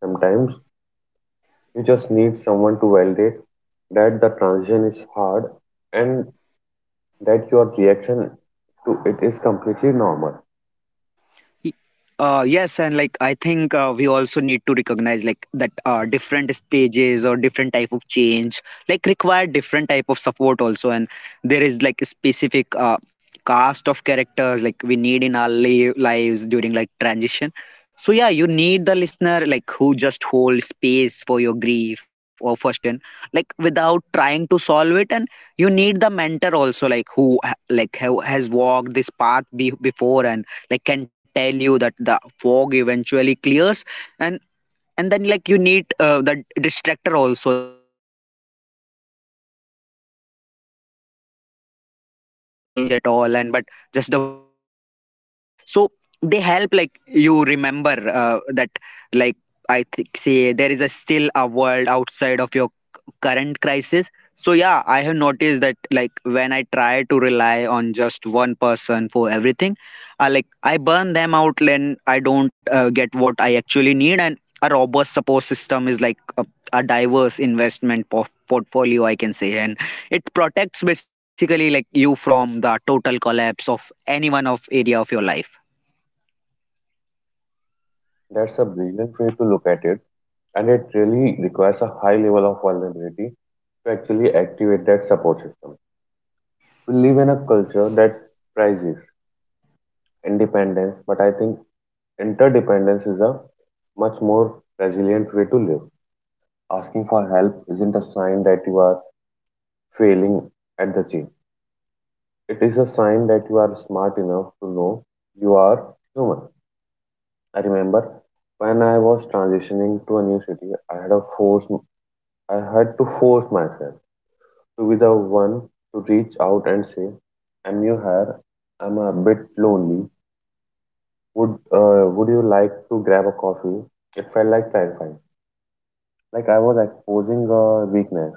[SPEAKER 2] Sometimes you just need someone to validate that the transition is hard and that your reaction to it is completely normal.
[SPEAKER 1] Y- yes, and like I think we also need to recognize like that different stages or different type of change like require different type of support also, and there is like a specific cast of characters like we need in our lives during like transition. So yeah, you need the listener like who just holds space for your grief or frustration, like without trying to solve it. And you need the mentor also like who has walked this path before and like can tell you that the fog eventually clears. And then like you need that distractor also, that friend who doesn't want to talk about that big life change at all, and but just the want to see a movie or a play game. So they help like you remember that like I think say there is a still a world outside of your current crisis. So yeah I have noticed that like when I try to rely on just one person for everything, like I burn them out and I don't get what I actually need. And a robust support system is like a diverse investment portfolio I can say, and it protects basically like you from the total collapse of any one of area of your life.
[SPEAKER 2] That's a brilliant way to look at it, and it really requires a high level of vulnerability to actually activate that support system. We live in a culture that prizes independence, but I think interdependence is a much more resilient way to live. Asking for help isn't a sign that you are failing at the gym. It is a sign that you are smart enough to know you are human. I remember when I was transitioning to a new city, I had to force myself to be the one to reach out and say, "I'm new here. I'm a bit lonely. Would you like to grab a coffee?" It felt like terrifying, like I was exposing a weakness.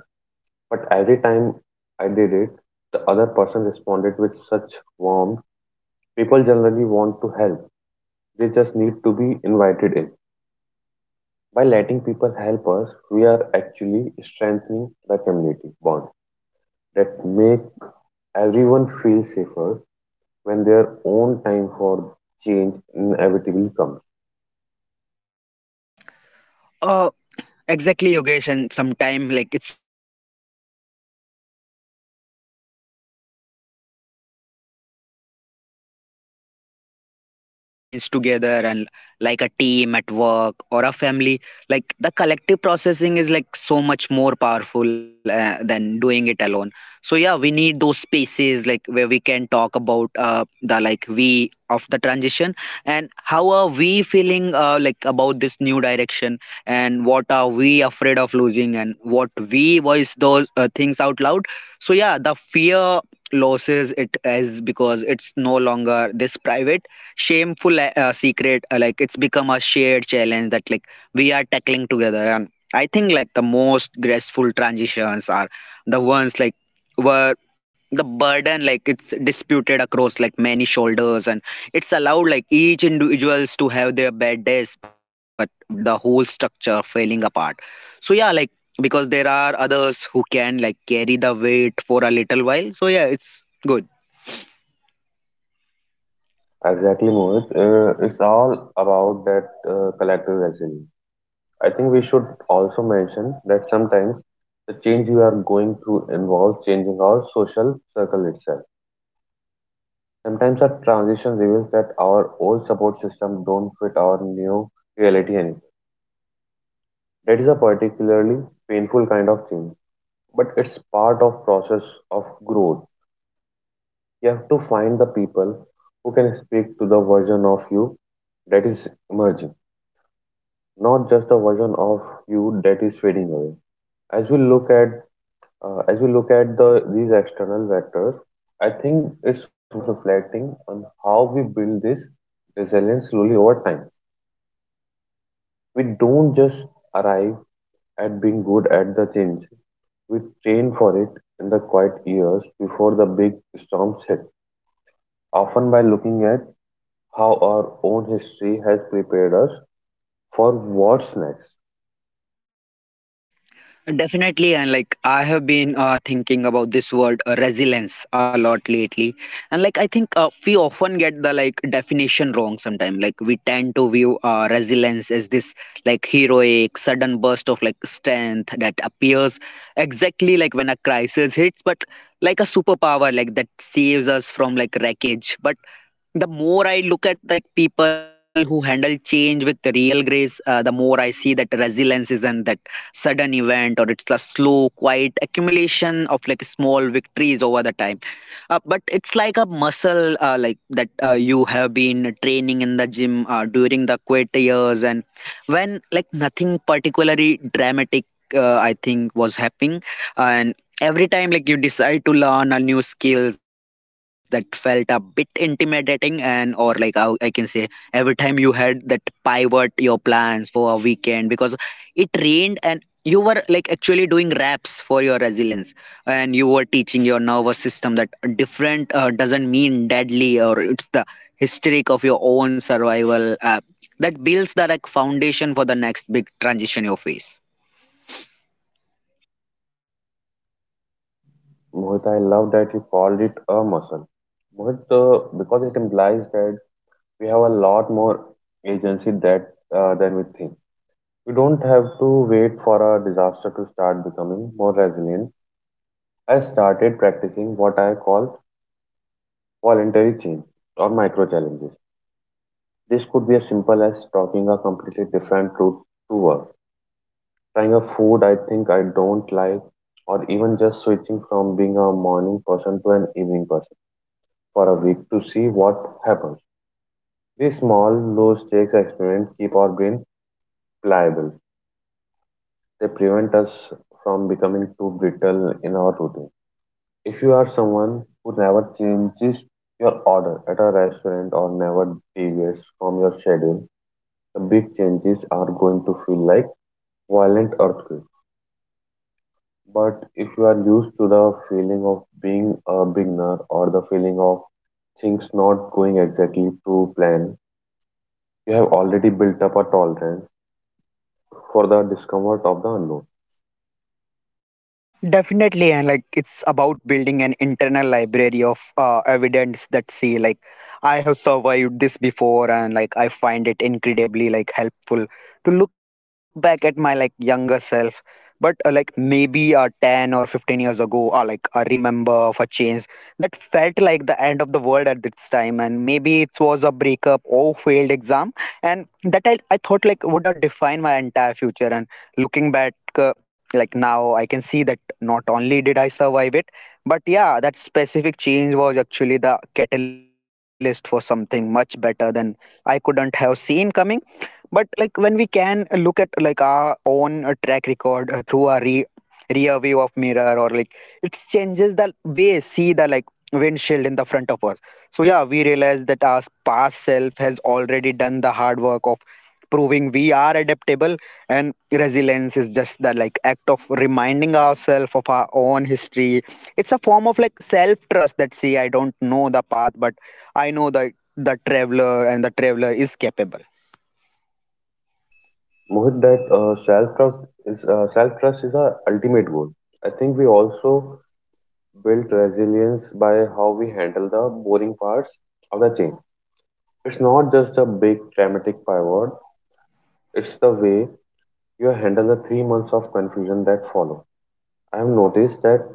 [SPEAKER 2] But every time I did it, the other person responded with such warmth. People generally want to help; they just need to be invited in. By letting people help us, we are actually strengthening the community bond that make everyone feel safer when their own time for change inevitably comes.
[SPEAKER 1] Uh, Exactly, Yogesh, and sometime like it's also about the community's role in like creating shared rituals. Uh, I mean, like a group of people experience a change together, and like a team at work or a family, like the collective processing is like so much more powerful than doing it alone. So yeah, we need those spaces like where we can talk about the like we of the transition, and how are we feeling like about this new direction, and what are we afraid of losing, and what we voice those things out loud. So yeah, the fear loses it as because it's no longer this private shameful secret. Uh, like it's become a shared challenge that like we are tackling together. And I think like the most graceful transitions are the ones like were the burden like it's disputed across like many shoulders, and it's allowed like each individuals to have their bad days but without the whole structure falling apart. So yeah like because there are others who can like carry the weight for a little while. So yeah it's good.
[SPEAKER 2] Exactly, Mohit. It's all about that collective resilience. I think we should also mention that sometimes the change we are going through involves changing our social circle itself. Sometimes our transition reveals that our old support system don't fit our new reality anymore. That is a particularly painful kind of change, but it's part of process of growth. You have to find the people who can speak to the version of you that is emerging, not just the version of you that is fading away. As we look at as we look at the these external vectors, I think it's worth reflecting on how we build this resilience slowly over time. We don't just arrive at being good at the change. We train for it in the quiet years before the big storms hit, often by looking at how our own history has prepared us for what's next.
[SPEAKER 1] Definitely, and like I have been thinking about this word resilience a lot lately, and like I think we often get the like definition wrong sometimes. Like we tend to view resilience as this like heroic sudden burst of like strength that appears exactly like when a crisis hits, but like a superpower like that saves us from like wreckage. But the more I look at like people who handle change with real grace, the more I see that resilience isn't that sudden event or it's a slow, quiet accumulation of like small victories over the time. But it's like a muscle, like that you have been training in the gym during the quit years and when like nothing particularly dramatic, I think was happening. And every time like you decide to learn a new skills that felt a bit intimidating and or like I can say every time you had that pivot your plans for a weekend because it rained and you were like actually doing raps for your resilience, and you were teaching your nervous system that different doesn't mean deadly or it's the hysteric of your own survival, that builds the like foundation for the next big transition you face.
[SPEAKER 2] Mohit, I love that you called it a muscle. Mohit, because it implies that we have a lot more agency that than we think. We don't have to wait for a disaster to start becoming more resilient. I started practicing what I call voluntary change or micro challenges. This could be as simple as talking a completely different route to work, trying a food I think I don't like, or even just switching from being a morning person to an evening person for a week to see what happens. These small, low stakes experiments keep our brain pliable. They prevent us from becoming too brittle in our routine. If you are someone who never changes your order at a restaurant or never deviates from your schedule, the big changes are going to feel like violent earthquakes. But if you are used to the feeling of being a beginner or the feeling of things not going exactly to plan, you have already built up a tolerance for the discomfort of the unknown.
[SPEAKER 1] Definitely, and like it's about building an internal library of evidence that see like I have survived this before, and like I find it incredibly like helpful to look back at my like younger self. But like maybe 10 or 15 years ago, or like I remember of a change that felt like the end of the world at this time, and maybe it was a breakup or failed exam, and that I thought like would define my entire future. And looking back. uh, like now I can see that not only did I survive it, but yeah, that specific change was actually the catalyst for something much better than I couldn't have seen coming. But like when we can look at like our own track record through our rear view of mirror, or like it changes the way see the like windshield in the front of us. So yeah, we realize that our past self has already done the hard work of proving we are adaptable, and resilience is just the like act of reminding ourselves of our own history. It's a form of like self trust that see I don't know the path, but I know that the traveler and the traveler is capable.
[SPEAKER 2] Mohit, that self trust is our ultimate goal. I think we also build resilience by how we handle the boring parts of the change. It's not just a big dramatic pivot; it's the way you handle the 3 months of confusion that follow. I have noticed that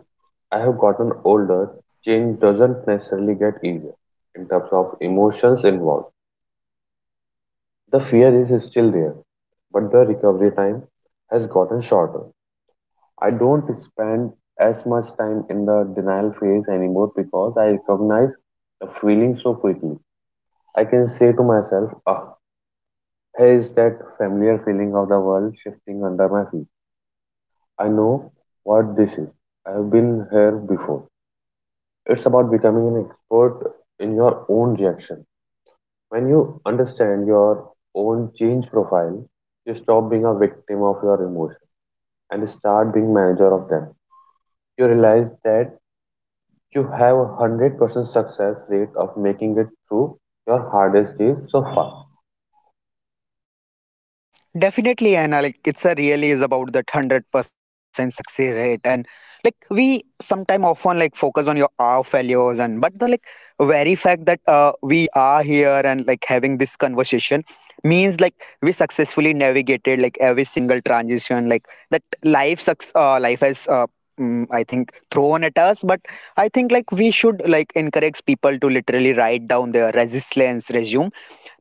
[SPEAKER 2] I have gotten older, change doesn't necessarily get easier in terms of emotions involved. The fear is still there, but the recovery time has gotten shorter. I don't spend as much time in the denial phase anymore because I recognize the feeling so quickly. I can say to myself, ah, here is that familiar feeling of the world shifting under my feet. I know what this is. I have been here before. It's about becoming an expert in your own reaction. When you understand your own change profile, you stop being a victim of your emotions and start being manager of them. You realize that you have 100% success rate of making it through your hardest days so far.
[SPEAKER 1] Definitely, Anna. Like it's a really is about that 100% success rate, and like we sometime often like focus on your our failures and but the like very fact that we are here and like having this conversation means like we successfully navigated like every single transition like that life sucks, life has I think thrown at us. But I think like we should like encourage people to literally write down their resilience resume,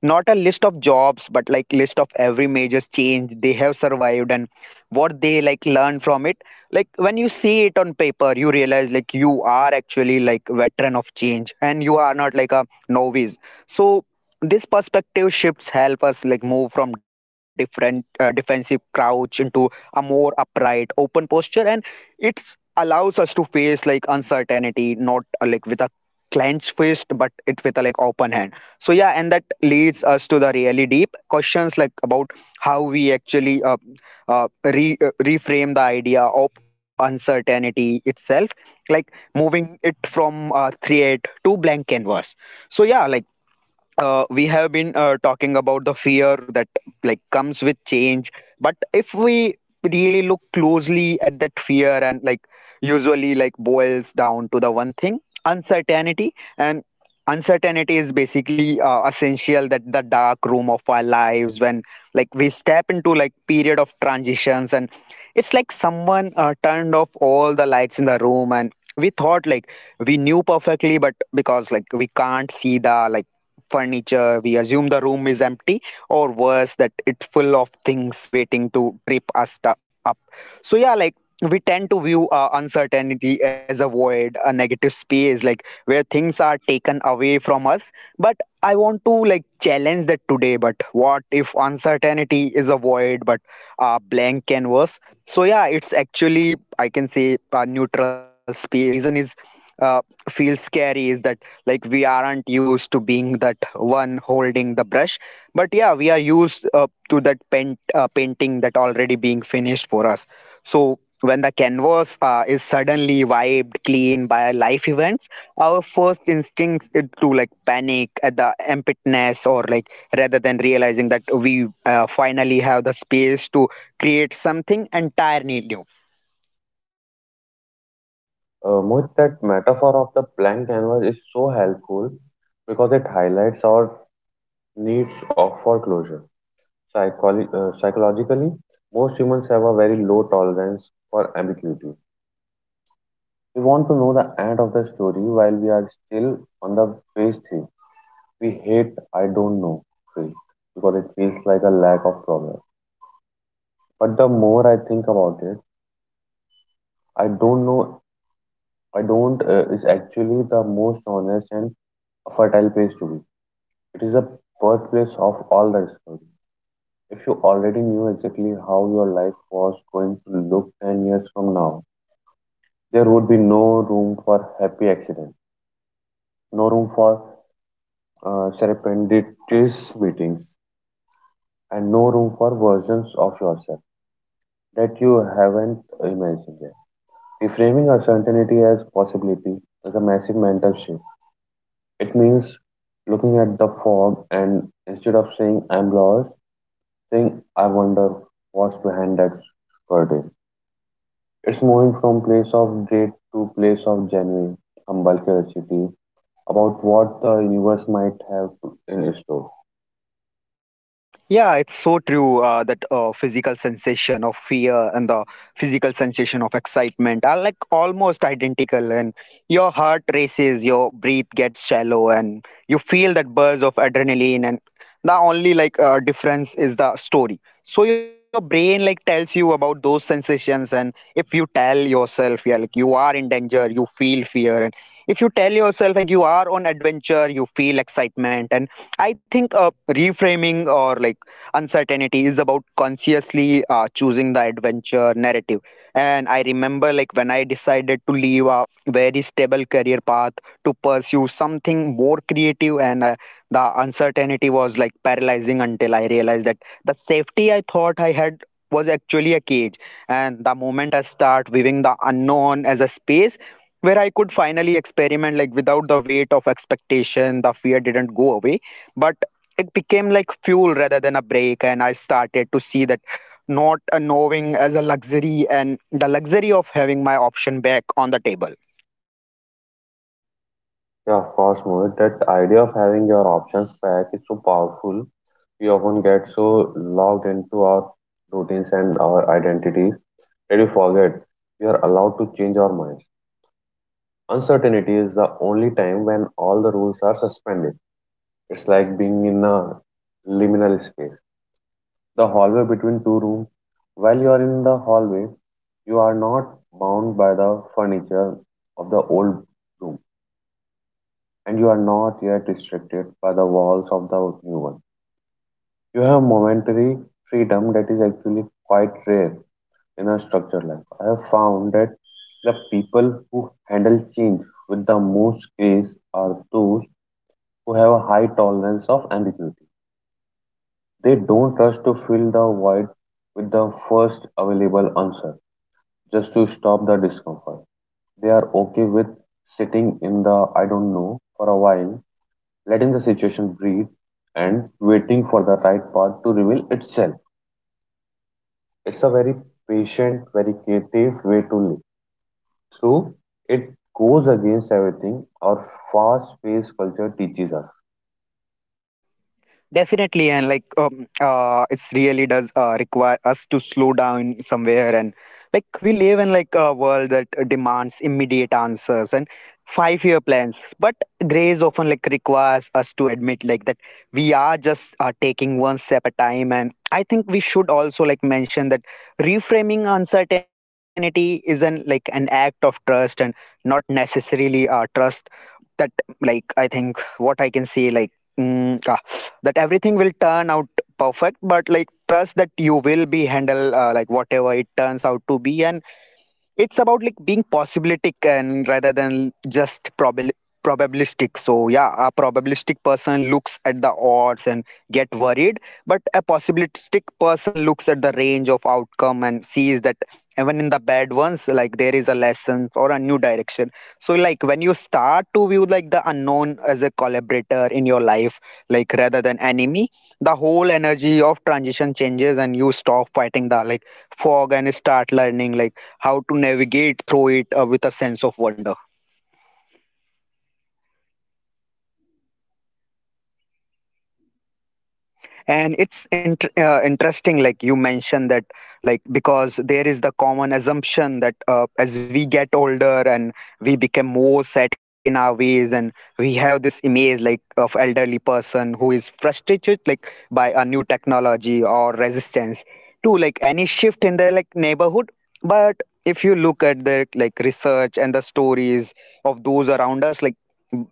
[SPEAKER 1] not a list of jobs but like list of every major change they have survived and what they like learned from it. Like when you see it on paper you realize like you are actually like veteran of change and you are not like a novice. So this perspective shifts help us like move from different, defensive crouch into a more upright open posture, and it's allows us to face like uncertainty not, like with a clenched fist but it with a like open hand. So yeah, and that leads us to the really deep questions like about how we actually reframe the idea of uncertainty itself, like moving it from, create to blank canvas. So yeah, like we have been talking about the fear that like comes with change, but if we really look closely at that fear and like usually like boils down to the one thing, uncertainty. And uncertainty is basically, essential that the dark room of our lives when like we step into like period of transitions, and it's like someone, turned off all the lights in the room and we thought like we knew perfectly, but because like we can't see the like furniture, we assume the room is empty, or worse, that it's full of things waiting to trip us up. So, yeah, like we tend to view, uncertainty as a void, a negative space, like where things are taken away from us. But I want to like challenge that today. But what if uncertainty is a void, but a blank canvas? So, yeah, it's actually, I can say, a neutral space. The reason is uh, feels scary is that like we aren't used to being that one holding the brush, but yeah, we are used, to that painting that already being finished for us. So when the canvas, is suddenly wiped clean by life events, our first instincts is to like panic at the emptiness, or like rather than realizing that we, finally have the space to create something entirely new.
[SPEAKER 2] Mohit, that metaphor of the blank canvas is so helpful because it highlights our needs of foreclosure. Psychologically, most humans have a very low tolerance for ambiguity. We want to know the end of the story while we are still on the phase three. We hate I don't know phase because it feels like a lack of progress. But the more I think about it, I don't know, I don't is actually the most honest and a fertile place to be. It is the birthplace of all the discovery. If you already knew exactly how your life was going to look 10 years from now, there would be no room for happy accidents, no room for serendipitous meetings, and no room for versions of yourself that you haven't imagined yet. Reframing uncertainty as possibility is a massive mental shift. It means looking at the fog and instead of saying I'm lost, saying I wonder what's behind that curtain. It's moving from place of dread to place of genuine humble curiosity about what the universe might have in store.
[SPEAKER 1] Yeah, it's so true that physical sensation of fear and the physical sensation of excitement are like almost identical. And your heart races, your breath gets shallow, and you feel that buzz of adrenaline. And the only like, difference is the story. So your brain like tells you about those sensations, and if you tell yourself, yeah, like you are in danger, you feel fear, and if you tell yourself like you are on adventure, you feel excitement. And I think, reframing or like uncertainty is about consciously, choosing the adventure narrative. And I remember like when I decided to leave a very stable career path to pursue something more creative, and the uncertainty was like paralyzing until I realized that the safety I thought I had was actually a cage. And the moment I start viewing the unknown as a space where I could finally experiment like without the weight of expectation, the fear didn't go away, but it became like fuel rather than a break. And I started to see that not a knowing as a luxury, and the luxury of having my option back on the table.
[SPEAKER 2] Yeah, of course, Mohit. That idea of having your options back is so powerful. We often get so logged into our routines and our identities that we forget we are allowed to change our minds. Uncertainty is the only time when all the rules are suspended. It's like being in a liminal space, the hallway between two rooms. While you are in the hallway, you are not bound by the furniture of the old room, and you are not yet restricted by the walls of the new one. You have momentary freedom that is actually quite rare in a structured life. I have found that the people who handle change with the most grace are those who have a high tolerance of ambiguity. They don't rush to fill the void with the first available answer just to stop the discomfort. They are okay with sitting in the I don't know for a while, letting the situation breathe and waiting for the right path to reveal itself. It's a very patient, very creative way to live. Through it goes against everything our fast paced culture teaches us.
[SPEAKER 1] Definitely, and like it's really does require us to slow down somewhere, and like we live in like a world that demands immediate answers and five-year plans. But grace often like requires us to admit like that we are just, taking one step at a time. And I think we should also like mention that reframing uncertainty is an like an act of trust, and not necessarily, trust that like I think what I can say like. Mm, uh, that everything will turn out perfect, but like trust that you will be handle, like whatever it turns out to be. And it's about like being possibilistic and rather than just probabilistic. So yeah, a probabilistic person looks at the odds and get worried, but a possibilistic person looks at the range of outcome and sees that even in the bad ones like there is a lesson or a new direction. So like when you start to view like the unknown as a collaborator in your life, like rather than enemy, the whole energy of transition changes and you stop fighting the like fog and start learning like how to navigate through it, with a sense of wonder. And it's interesting like you mentioned that, like because there is the common assumption that, as we get older and we become more set in our ways, and we have this image like of elderly person who is frustrated like by a new technology or resistance to like any shift in their like neighborhood. But if you look at the like research and the stories of those around us, like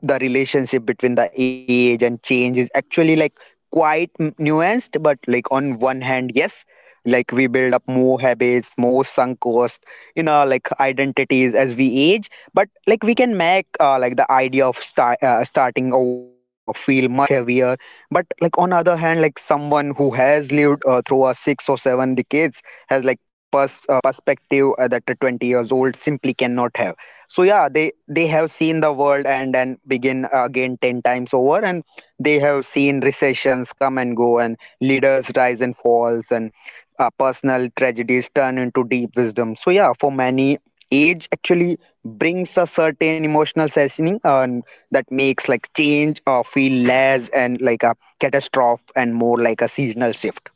[SPEAKER 1] the relationship between the age and change is actually like quite nuanced. But like on one hand yes, like we build up more habits, more sunk cost in our like identities as we age, but like we can make, like the idea of starting over feel much heavier. But like on other hand, like someone who has lived, through a 6 or 7 decades has like perspective that a 20 years old simply cannot have. So yeah, they have seen the world and begin, again 10 times over, and they have seen recessions come and go, and leaders rise and falls, and personal tragedies turn into deep wisdom. So yeah, for many, age actually brings a certain emotional seasoning, and that makes like change feel less and like a catastrophe and more like a seasonal shift.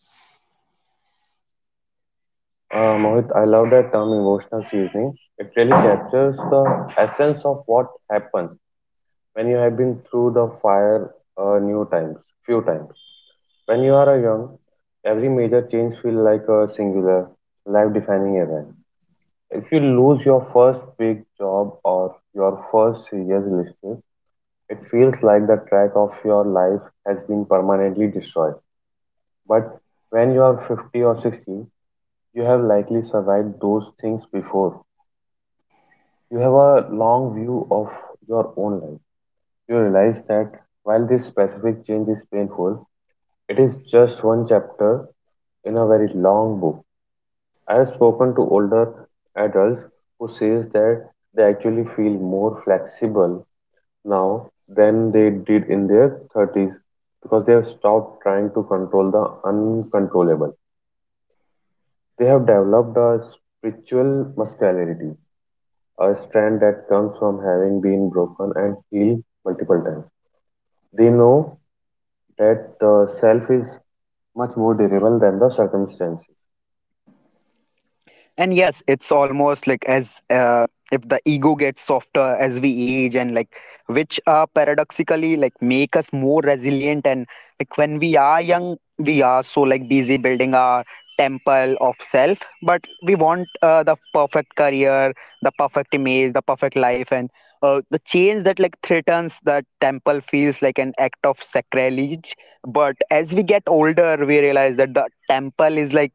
[SPEAKER 2] Mohit, I love that term emotional seasoning. It really captures the essence of what happens when you have been through the fire few times. When you are a young, every major change feels like a singular, life defining event. If you lose your first big job or your first serious relationship, it feels like the track of your life has been permanently destroyed. But when you are 50 or 60, you have likely survived those things before. You have a long view of your own life. You realize that while this specific change is painful, it is just one chapter in a very long book. I have spoken to older adults who says that they actually feel more flexible now than they did in their 30s because they have stopped trying to control the uncontrollable. They have developed a spiritual muscularity, a strand that comes from having been broken and healed multiple times. They know that the self is much more durable than the circumstances.
[SPEAKER 1] And yes, it's almost like as if the ego gets softer as we age and like which are paradoxically like make us more resilient. And like when we are young we are so like busy building our temple of self, but we want the perfect career, the perfect image, the perfect life. And the change that like threatens the temple feels like an act of sacrilege. But as we get older we realize that the temple is like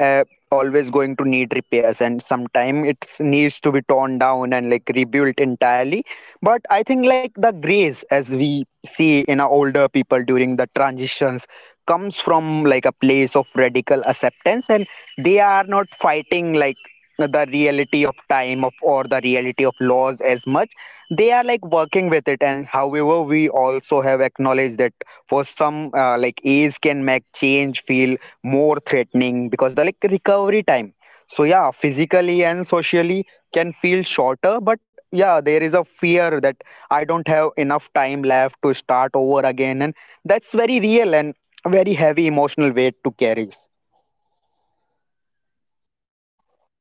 [SPEAKER 1] uh, always going to need repairs and sometime it needs to be torn down and like rebuilt entirely. But I think like the grace as we see in our older people during the transitions comes from like a place of radical acceptance, and they are not fighting like the reality of time of or the reality of laws as much. They are like working with it. And however we also have acknowledged that for some like age can make change feel more threatening because the like recovery time, so yeah, physically and socially, can feel shorter. But yeah there is a fear that I don't have enough time left to start over again, and that's very real and very heavy emotional weight to carry.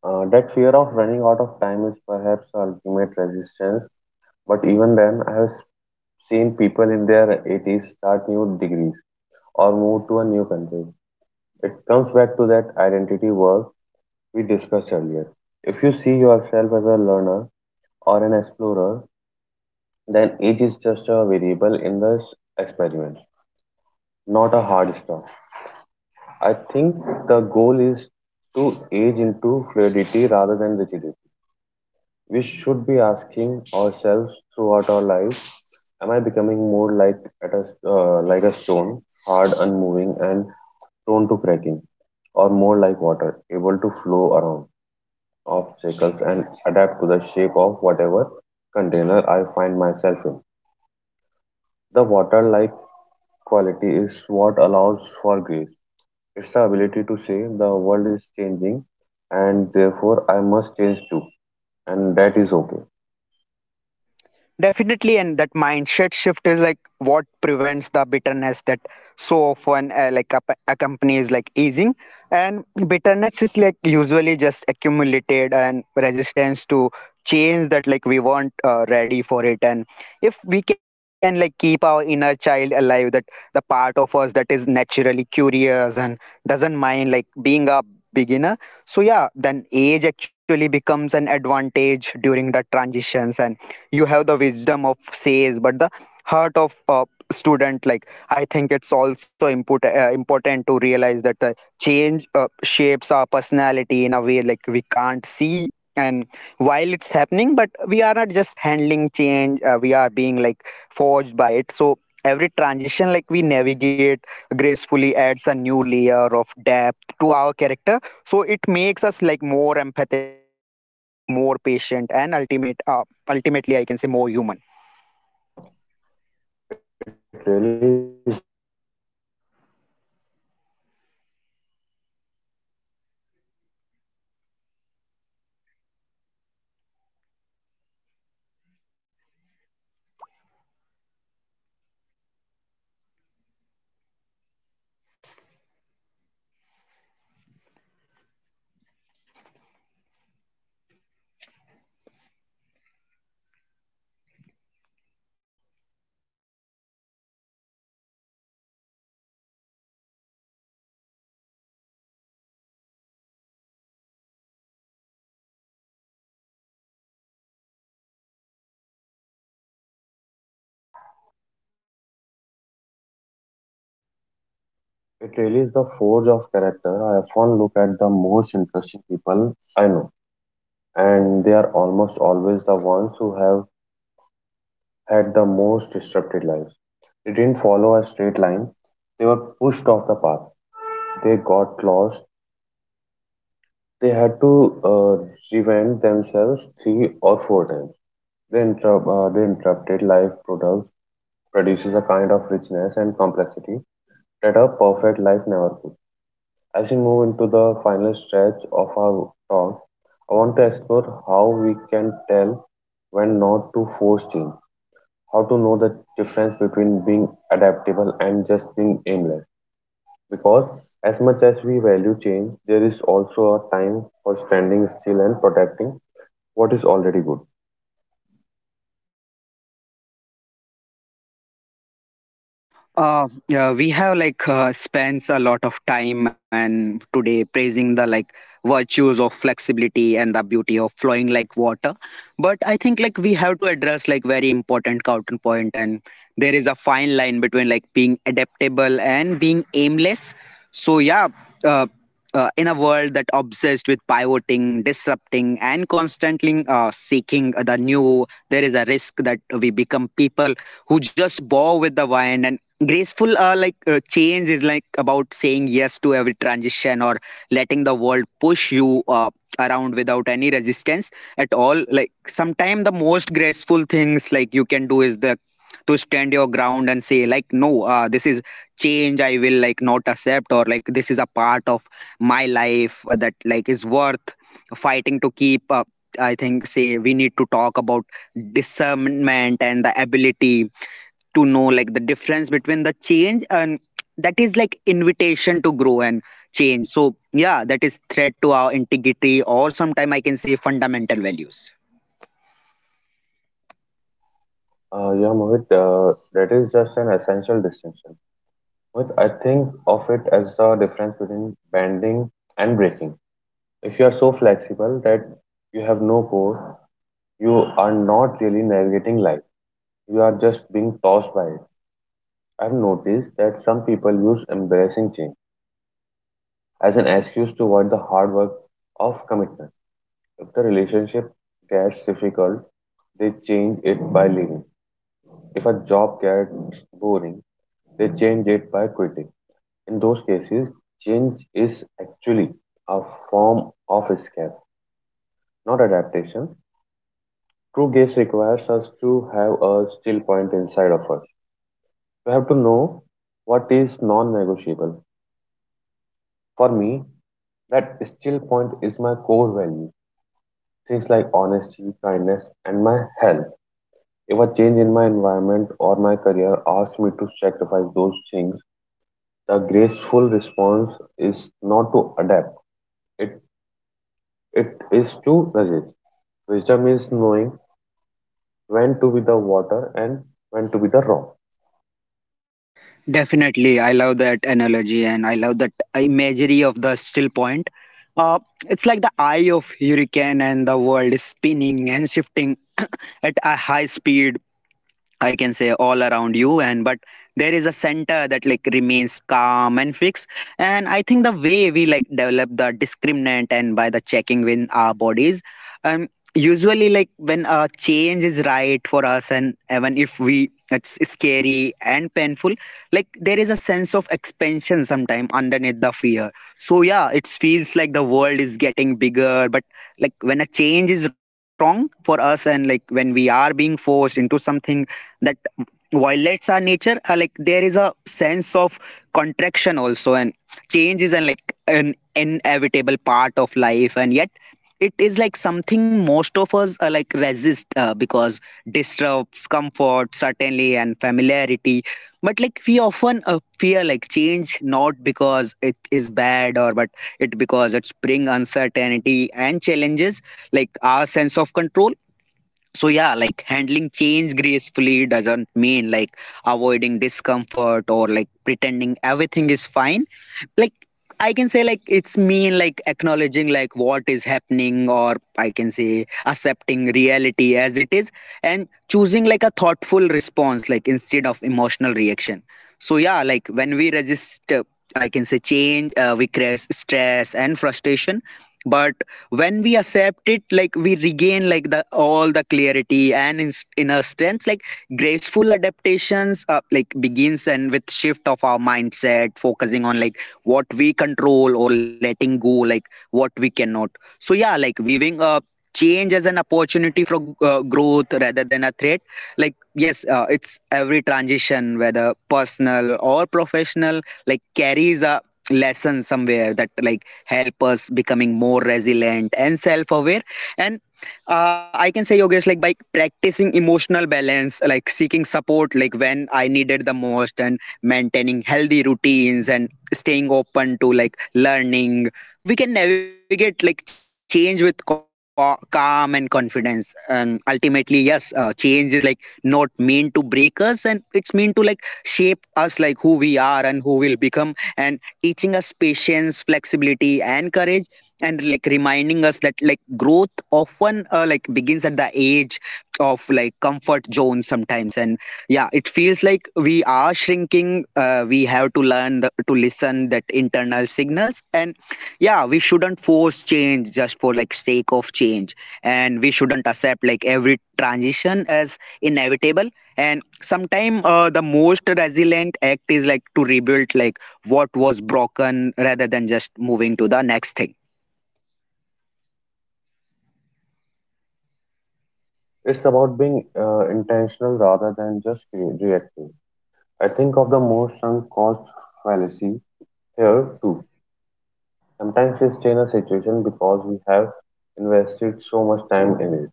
[SPEAKER 2] That fear of running out of time is perhaps the ultimate resistance, but even then, I have seen people in their 80s start new degrees or move to a new country. It comes back to that identity work we discussed earlier. If you see yourself as a learner or an explorer, then age is just a variable in this experiment, not a hard stop. I think the goal is to age into fluidity rather than rigidity. We should be asking ourselves throughout our life, am I becoming more like like a stone, hard, unmoving, and prone to cracking, or more like water, able to flow around obstacles and adapt to the shape of whatever container I find myself in? The water like quality is what allows for grace. It's the ability to say the world is changing and therefore I must change too, and that is okay.
[SPEAKER 1] Definitely, and that mindset shift is like what prevents the bitterness that so often like accompanies like easing. And bitterness is like usually just accumulated and resistance to change that like we weren't ready for it. And if we can like keep our inner child alive, that the part of us that is naturally curious and doesn't mind like being a beginner. So yeah, then age actually becomes an advantage during the transitions and you have the wisdom of says but the heart of a student. Like I think it's also important to realize that the change shapes our personality in a way like we can't see, and while it's happening but we are not just handling change, we are being like forged by it. So every transition like we navigate gracefully adds a new layer of depth to our character, so it makes us like more empathetic, more patient, and ultimately I can say more human.
[SPEAKER 2] It really is the forge of character. I often look at the most interesting people I know, and they are almost always the ones who have had the most disrupted lives. They didn't follow a straight line, they were pushed off the path, they got lost, they had to uh, reinvent themselves 3 or 4 times. The interrupted life products produces a kind of richness and complexity that a perfect life never could. As we move into the final stretch of our talk, I want to explore how we can tell when not to force change, how to know the difference between being adaptable and just being aimless. Because as much as we value change, there is also a time for standing still and protecting what is already good.
[SPEAKER 1] Yeah, we have like spends a lot of time and today praising the like virtues of flexibility and the beauty of flowing like water. But I think like we have to address like very important counterpoint, and there is a fine line between like being adaptable and being aimless. So yeah, uh, in a world that obsessed with pivoting, disrupting, and constantly seeking the new, there is a risk that we become people who just bow with the wind and graceful like change is like about saying yes to every transition, or letting the world push you around without any resistance at all. Like sometimes the most graceful things like you can do is the to stand your ground and say like no, this is change I will like not accept, or like this is a part of my life that like is worth fighting to keep. I think say we need to talk about discernment and the ability to know like the difference between the change and that is like invitation to grow and change, so yeah that is threat to our integrity or sometime I can say fundamental values.
[SPEAKER 2] That is just an essential distinction. Mohit, I think of it as the difference between bending and breaking. If you are so flexible that you have no core, you are not really navigating life. You are just being tossed by it. I've noticed that some people use embarrassing change as an excuse to avoid the hard work of commitment. If the relationship gets difficult, they change it by leaving. If a job gets boring, they change it by quitting. In those cases, change is actually a form of escape, not adaptation. True gaze requires us to have a still point inside of us. We have to know what is non negotiable. For me, that still point is my core value. Things like honesty, kindness, and my health. If a change in my environment or my career asks me to sacrifice those things, the graceful response is not to adapt, it, it is to resist. Wisdom is knowing when to be the water and when to be the rock.
[SPEAKER 1] Definitely, I love that analogy and I love that imagery of the still point. uh, it's like the eye of hurricane and the world is spinning and shifting at a high speed, I can say, all around you. And but there is a center that like remains calm and fixed. And I think the way we like develop the discriminant and by the checking with our bodies, um usually like when a change is right for us and even if we it's scary and painful, like there is a sense of expansion sometime underneath the fear. So yeah it feels like the world is getting bigger. But like when a change is wrong for us and like when we are being forced into something, Violets are nature, like there is a sense of contraction also. And change is an like an inevitable part of life, and yet it is like something most of us are like resist because disrupts comfort certainly and familiarity. But like we often fear like change not because it is bad or but it because it's bring uncertainty and challenges like our sense of control. So yeah like handling change gracefully doesn't mean like avoiding discomfort or like pretending everything is fine. Like I can say like it's mean like acknowledging like what is happening or I can say accepting reality as it is, and choosing like a thoughtful response like instead of emotional reaction. So yeah like when we resist I can say change, we create stress and frustration. But when we accept it like we regain like the all the clarity and inner strength. Like graceful adaptations like begins and with shift of our mindset focusing on like what we control or letting go like what we cannot. So yeah like viewing change as an opportunity for growth rather than a threat. Like yes it's every transition whether personal or professional like carries a lesson somewhere that like help us becoming more resilient and self-aware. And I can say Yogesh like by practicing emotional balance, like seeking support like when I needed the most, and maintaining healthy routines and staying open to like learning, we can navigate like change with calm and confidence. And ultimately yes change is like not meant to break us, and it's meant to like shape us like who we are and who we'll become, and teaching us patience, flexibility and courage, and like reminding us that like growth often like begins at the age of like comfort zone sometimes. And yeah, it feels like we are shrinking. We have to learn to listen that internal signals, and yeah, we shouldn't force change just for like sake of change, and we shouldn't accept like every transition as inevitable. And sometimes the most resilient act is like to rebuild like what was broken rather than just moving to the next thing.
[SPEAKER 2] It's about being intentional rather than just reactive. I think of the most sunk cost fallacy here too. Sometimes we stay in a situation because we have invested so much time in it,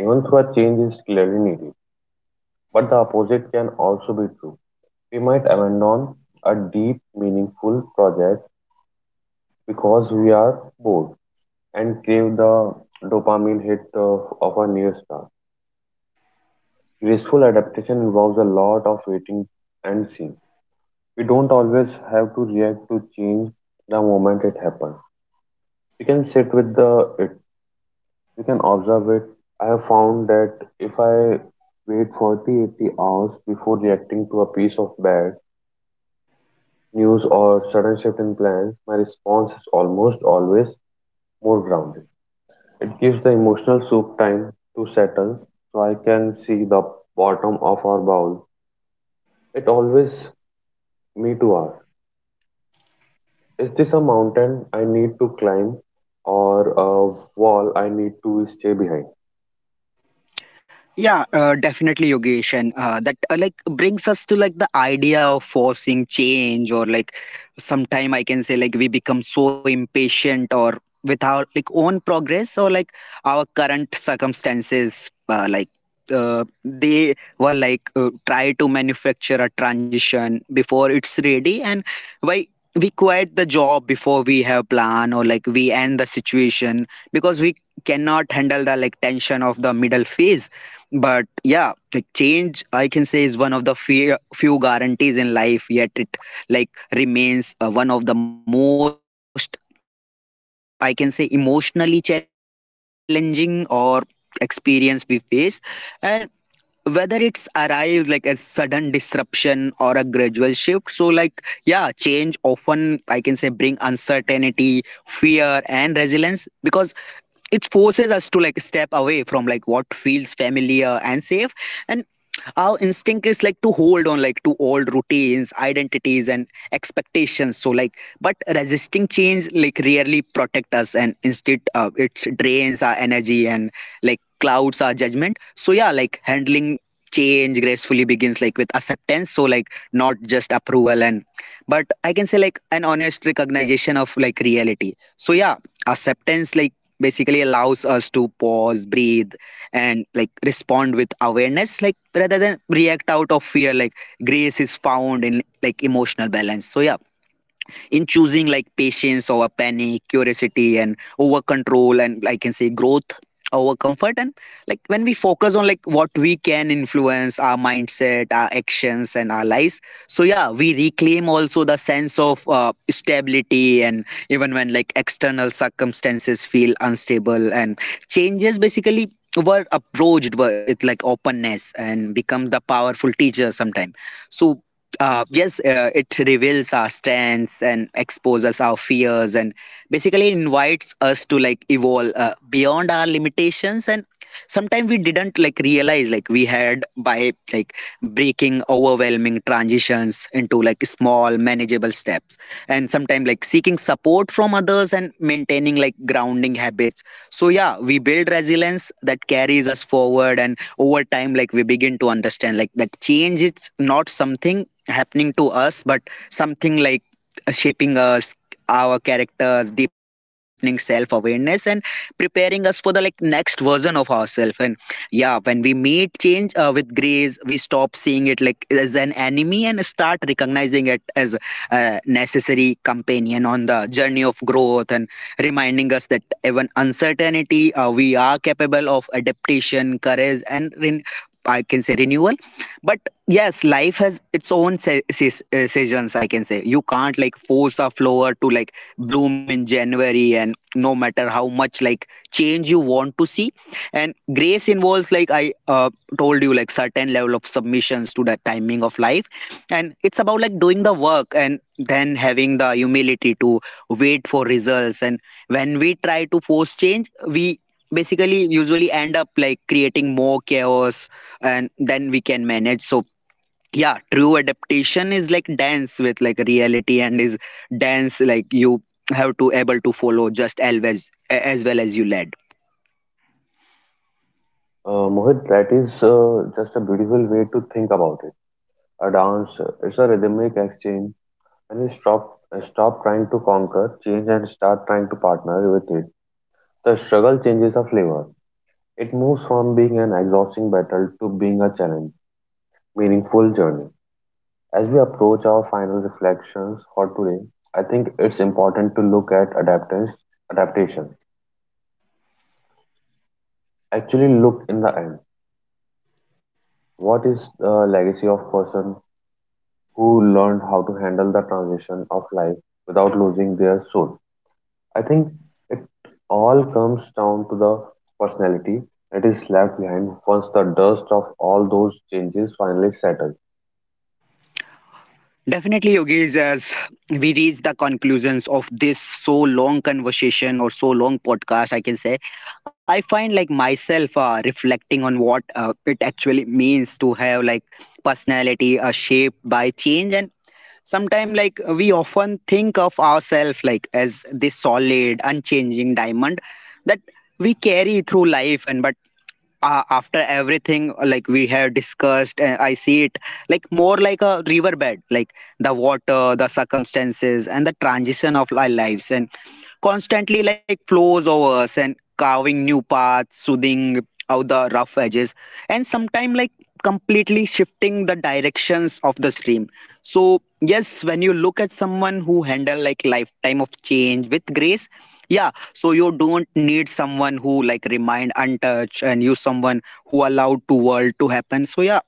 [SPEAKER 2] even though a change is clearly needed. But the opposite can also be true. We might abandon a deep, meaningful project because we are bored and crave the dopamine hit of a new start. Graceful adaptation involves a lot of waiting and seeing. We don't always have to react to change the moment it happens. We can sit with the it. We can observe it. I have found that if I wait 40, 80 hours before reacting to a piece of bad news or sudden shift in plans, my response is almost always more grounded. It gives the emotional soup time to settle so I can see the bottom of our bowl. It always me too are. Is this a mountain I need to climb or a wall I need to stay behind?
[SPEAKER 1] Yeah, definitely, Yogesh, and that like brings us to like the idea of forcing change, or like sometime I can say like we become so impatient, or with our like own progress, or like our current circumstances, like they were like try to manufacture a transition before it's ready, and why we quit the job before we have plan, or like we end the situation because we cannot handle the like tension of the middle phase. But yeah the change I can say is one of the few guarantees in life, yet it like remains one of the most I can say emotionally challenging or experience we face. And whether it's arrived like a sudden disruption or a gradual shift, so like yeah change often I can say bring uncertainty, fear and resilience because it forces us to like step away from like what feels familiar and safe. And our instinct is like to hold on like to old routines, identities and expectations. So like, but resisting change like rarely protect us, and instead it drains our energy and like clouds our judgment. So yeah like handling change gracefully begins like with acceptance, so like not just approval and but I can say like an honest recognition of like reality. So yeah acceptance like basically allows us to pause, breathe, and like respond with awareness like rather than react out of fear. Like grace is found in like emotional balance, so yeah in choosing like patience over panic, curiosity and over control, and I can say growth over comfort. And like when we focus on like what we can influence, our mindset, our actions and our lives, so yeah we reclaim also the sense of stability, and even when like external circumstances feel unstable and changes basically were approached with like openness and becomes the powerful teacher sometime. So yes, it reveals our strengths and exposes our fears, and basically invites us to like evolve beyond our limitations. And sometimes we didn't like realize like we had by like breaking overwhelming transitions into like small manageable steps. And sometimes like seeking support from others and maintaining like grounding habits, so yeah, we build resilience that carries us forward, and over time, like we begin to understand, like that change is not something happening to us, but something like shaping us, our characters, deepening self-awareness, and preparing us for the like next version of ourselves. And yeah, when we meet change with grace, we stop seeing it like as an enemy and start recognizing it as a necessary companion on the journey of growth and reminding us that even uncertainty, we are capable of adaptation, courage, and I can say renewal. But yes, life has its own seasons. I can say you can't like force a flower to like bloom in January, and no matter how much like change you want to see, and grace involves like I told you like certain level of submissions to the timing of life, and it's about like doing the work and then having the humility to wait for results. And when we try to force change we basically usually end up like creating more chaos and then we can manage. So yeah true adaptation is like dance with like reality, and is dance like you have to able to follow just always as well as you led.
[SPEAKER 2] Mohit, that is just a beautiful way to think about it. A dance, it's a rhythmic exchange, and you stop trying to conquer, change, and start trying to partner with it. The struggle changes the flavor. It moves from being an exhausting battle to being a challenge, meaningful journey. As we approach our final reflections for today, I think it's important to look at adaptation. Actually look in the end, what is the legacy of person who learned how to handle the transition of life without losing their soul? I think it all comes down to the personality that is left behind once the dust of all those changes finally settle.
[SPEAKER 1] Definitely, Yogesh, as we reach the conclusions of this so long conversation or so long podcast, I can say, I find like myself reflecting on what it actually means to have like personality shaped by change. And sometimes, like, we often think of ourselves like as this solid, unchanging diamond that we carry through life. And but after everything like we have discussed I see it like more like a riverbed, like the water, the circumstances, and the transition of our lives, and constantly like flows over us and carving new paths, soothing out the rough edges, and sometimes like completely shifting the directions of the stream. So yes, when you look at someone who handle like lifetime of change with grace, yeah. So you don't need someone who like remind untouched and you someone who allowed to world to happen. So yeah,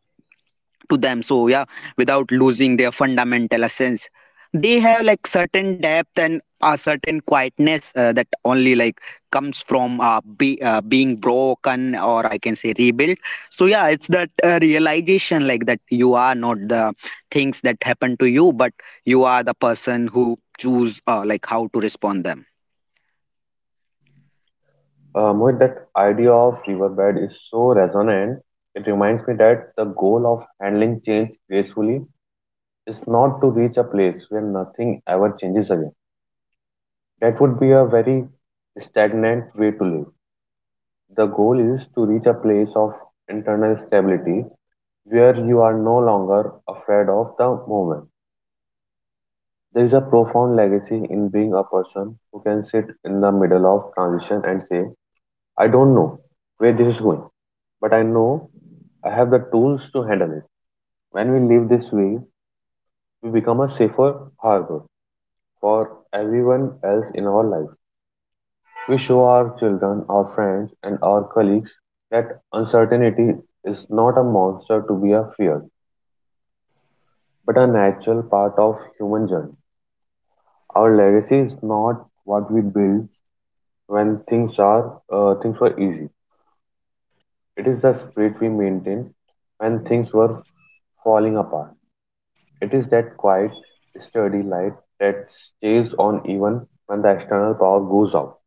[SPEAKER 1] to them, so yeah, without losing their fundamental essence, they have like certain depth and a certain quietness that only like comes from being broken or I can say rebuilt. So yeah, it's that realization like that you are not the things that happen to you, but you are the person who choose like how to respond them.
[SPEAKER 2] Mohit, that idea of riverbed is so resonant. It reminds me that the goal of handling change gracefully is not to reach a place where nothing ever changes again. That would be a very stagnant way to live. The goal is to reach a place of internal stability where you are no longer afraid of the moment. There is a profound legacy in being a person who can sit in the middle of transition and say, I don't know where this is going, but I know I have the tools to handle it. When we live this way, we become a safer harbor for everyone else in our life. We show our children, our friends, and our colleagues that uncertainty is not a monster to be feared, but a natural part of human journey. Our legacy is not what we build when things were easy. It is the spirit we maintain when things were falling apart. It is that quiet, sturdy light that stays on even when the external power goes out.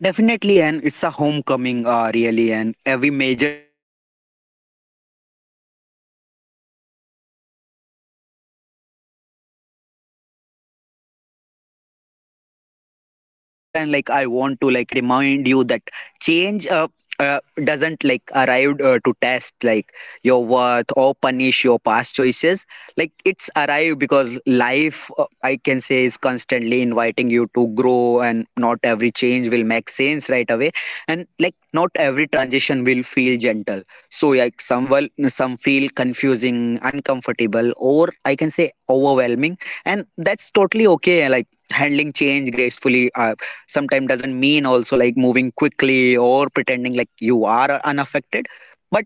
[SPEAKER 1] Definitely, and it's a homecoming, really, and every major change is an opportunity to strip away the layers, like of who we thought like we had to be, and like get closer to who we actually are. And like I want to like remind you that change doesn't like arrive to test like your worth or punish your past choices, like it's arrive because life, I can say, is constantly inviting you to grow. And not every change will make sense right away, and like not every transition will feel gentle. So like some will, some feel confusing, uncomfortable, or I can say overwhelming, and that's totally okay. Like handling change gracefully, sometimes doesn't mean also like moving quickly or pretending like you are unaffected, but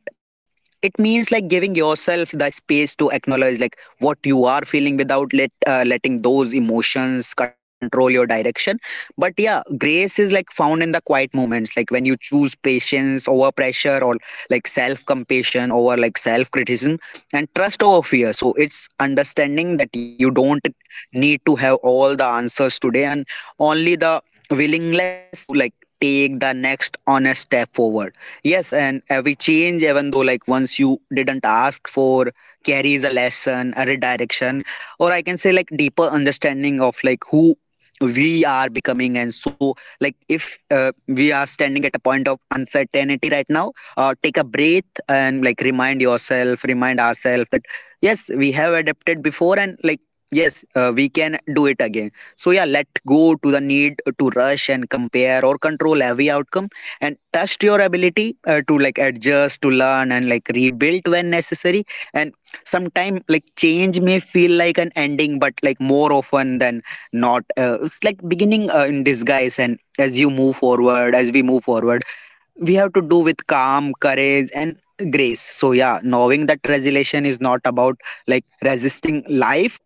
[SPEAKER 1] it means like giving yourself the space to acknowledge like what you are feeling without letting those emotions control your direction. But yeah, grace is like found in the quiet moments, like when you choose patience over pressure, or like self compassion over like self criticism, and trust over fear. So it's understanding that you don't need to have all the answers today, and only the willingness to like take the next honest step forward. Yes, and every change, even though like once you didn't ask for, carries a lesson, a redirection, or I can say like deeper understanding of like who we are becoming. And so, like if we are standing at a point of uncertainty right now, take a breath and like remind yourself, remind ourselves that yes, we have adapted before, and like yes, we can do it again. So yeah, let go to the need to rush and compare or control every outcome, and trust your ability to like adjust, to learn, and like rebuild when necessary. And sometimes, like change may feel like an ending, but like more often than not, it's like beginning in disguise. And as you move forward, as we move forward, we have to do with calm courage and grace. So yeah, knowing that resilience is not about like resisting life,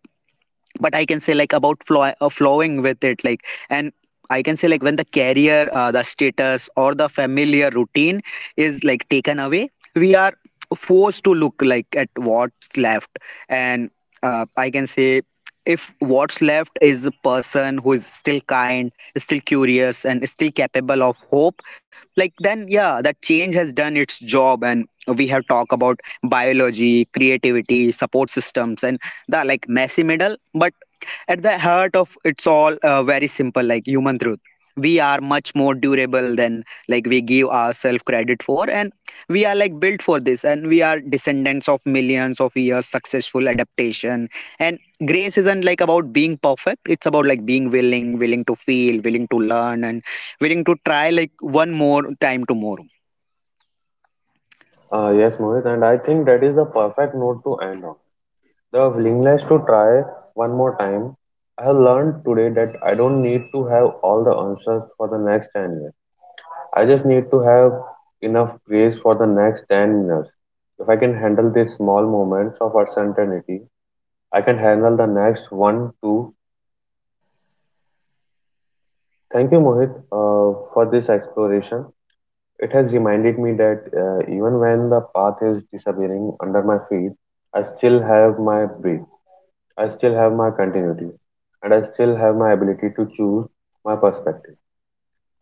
[SPEAKER 1] but I can say like about flowing with it like. And I can say like when the career, the status, or the familiar routine is like taken away, we are forced to look like at what's left. And I can say if what's left is a person who is still kind, still curious, and still capable of hope, like then yeah that change has done its job. And we have talked about biology, creativity, support systems, and the like messy middle, but at the heart of it's all, very simple, like human truth. We are much more durable than like we give ourselves credit for, and we are like built for this, and we are descendants of millions of years successful adaptation. And grace isn't like about being perfect; it's about like being willing, willing to feel, willing to learn, and willing to try like one more time tomorrow.
[SPEAKER 2] Yes, Mohit, and I think that is the perfect note to end on. The willingness to try one more time. I have learned today that I don't need to have all the answers for the next 10 years. I just need to have enough grace for the next 10 minutes. If I can handle these small moments of uncertainty, I can handle the next one, too. Thank you, Mohit, for this exploration. It has reminded me that even when the path is disappearing under my feet, I still have my breath. I still have my continuity and I still have my ability to choose my perspective.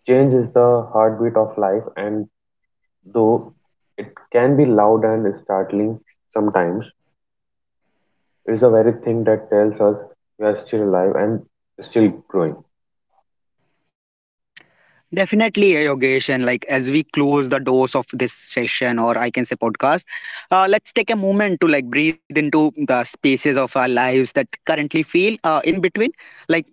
[SPEAKER 2] Change is the heartbeat of life, and though it can be loud and startling sometimes, it's the very thing that tells us we are still alive and still growing.
[SPEAKER 1] Definitely, Yogesh. And like as we close the doors of this session, or I can say podcast, let's take a moment to like breathe into the spaces of our lives that currently feel in between. Like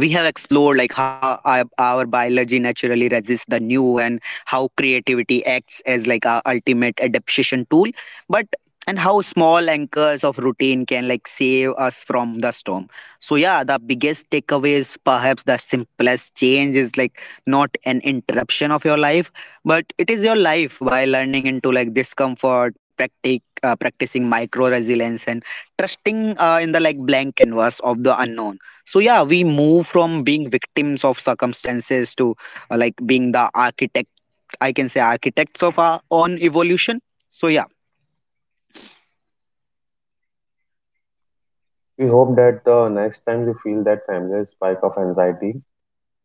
[SPEAKER 1] we have explored like how our biology naturally resists the new, and how creativity acts as like our ultimate adaptation tool, but and how small anchors of routine can like save us from the storm. So yeah, the biggest takeaway is perhaps the simplest: change is like not an interruption of your life, but it is your life. By learning into like discomfort, practicing micro resilience, and trusting in the like blank canvas of the unknown, so yeah we move from being victims of circumstances to, like being the architect I can say architects of our own evolution. So yeah.
[SPEAKER 2] We hope that the next time you feel that familiar spike of anxiety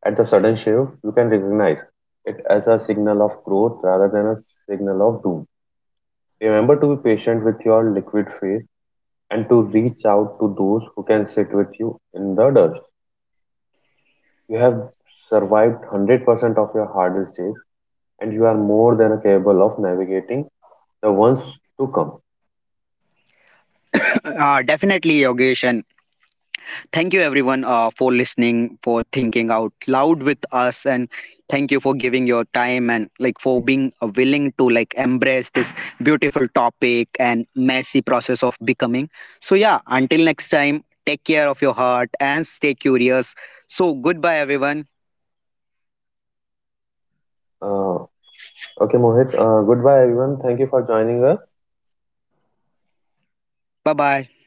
[SPEAKER 2] at the sudden shift, you can recognize it as a signal of growth rather than a signal of doom. Remember to be patient with your liquid phase and to reach out to those who can sit with you in the dust. You have survived 100% of your hardest days, and you are more than capable of navigating the ones to come.
[SPEAKER 1] Definitely, Yogesh, and thank you everyone for listening, for thinking out loud with us, and thank you for giving your time and like for being willing to like embrace this beautiful topic and messy process of becoming. So yeah, until next time, take care of your heart and stay curious. So goodbye everyone.
[SPEAKER 2] Uh, okay, Mohit, goodbye, everyone. Thank you for joining us.
[SPEAKER 1] Bye bye.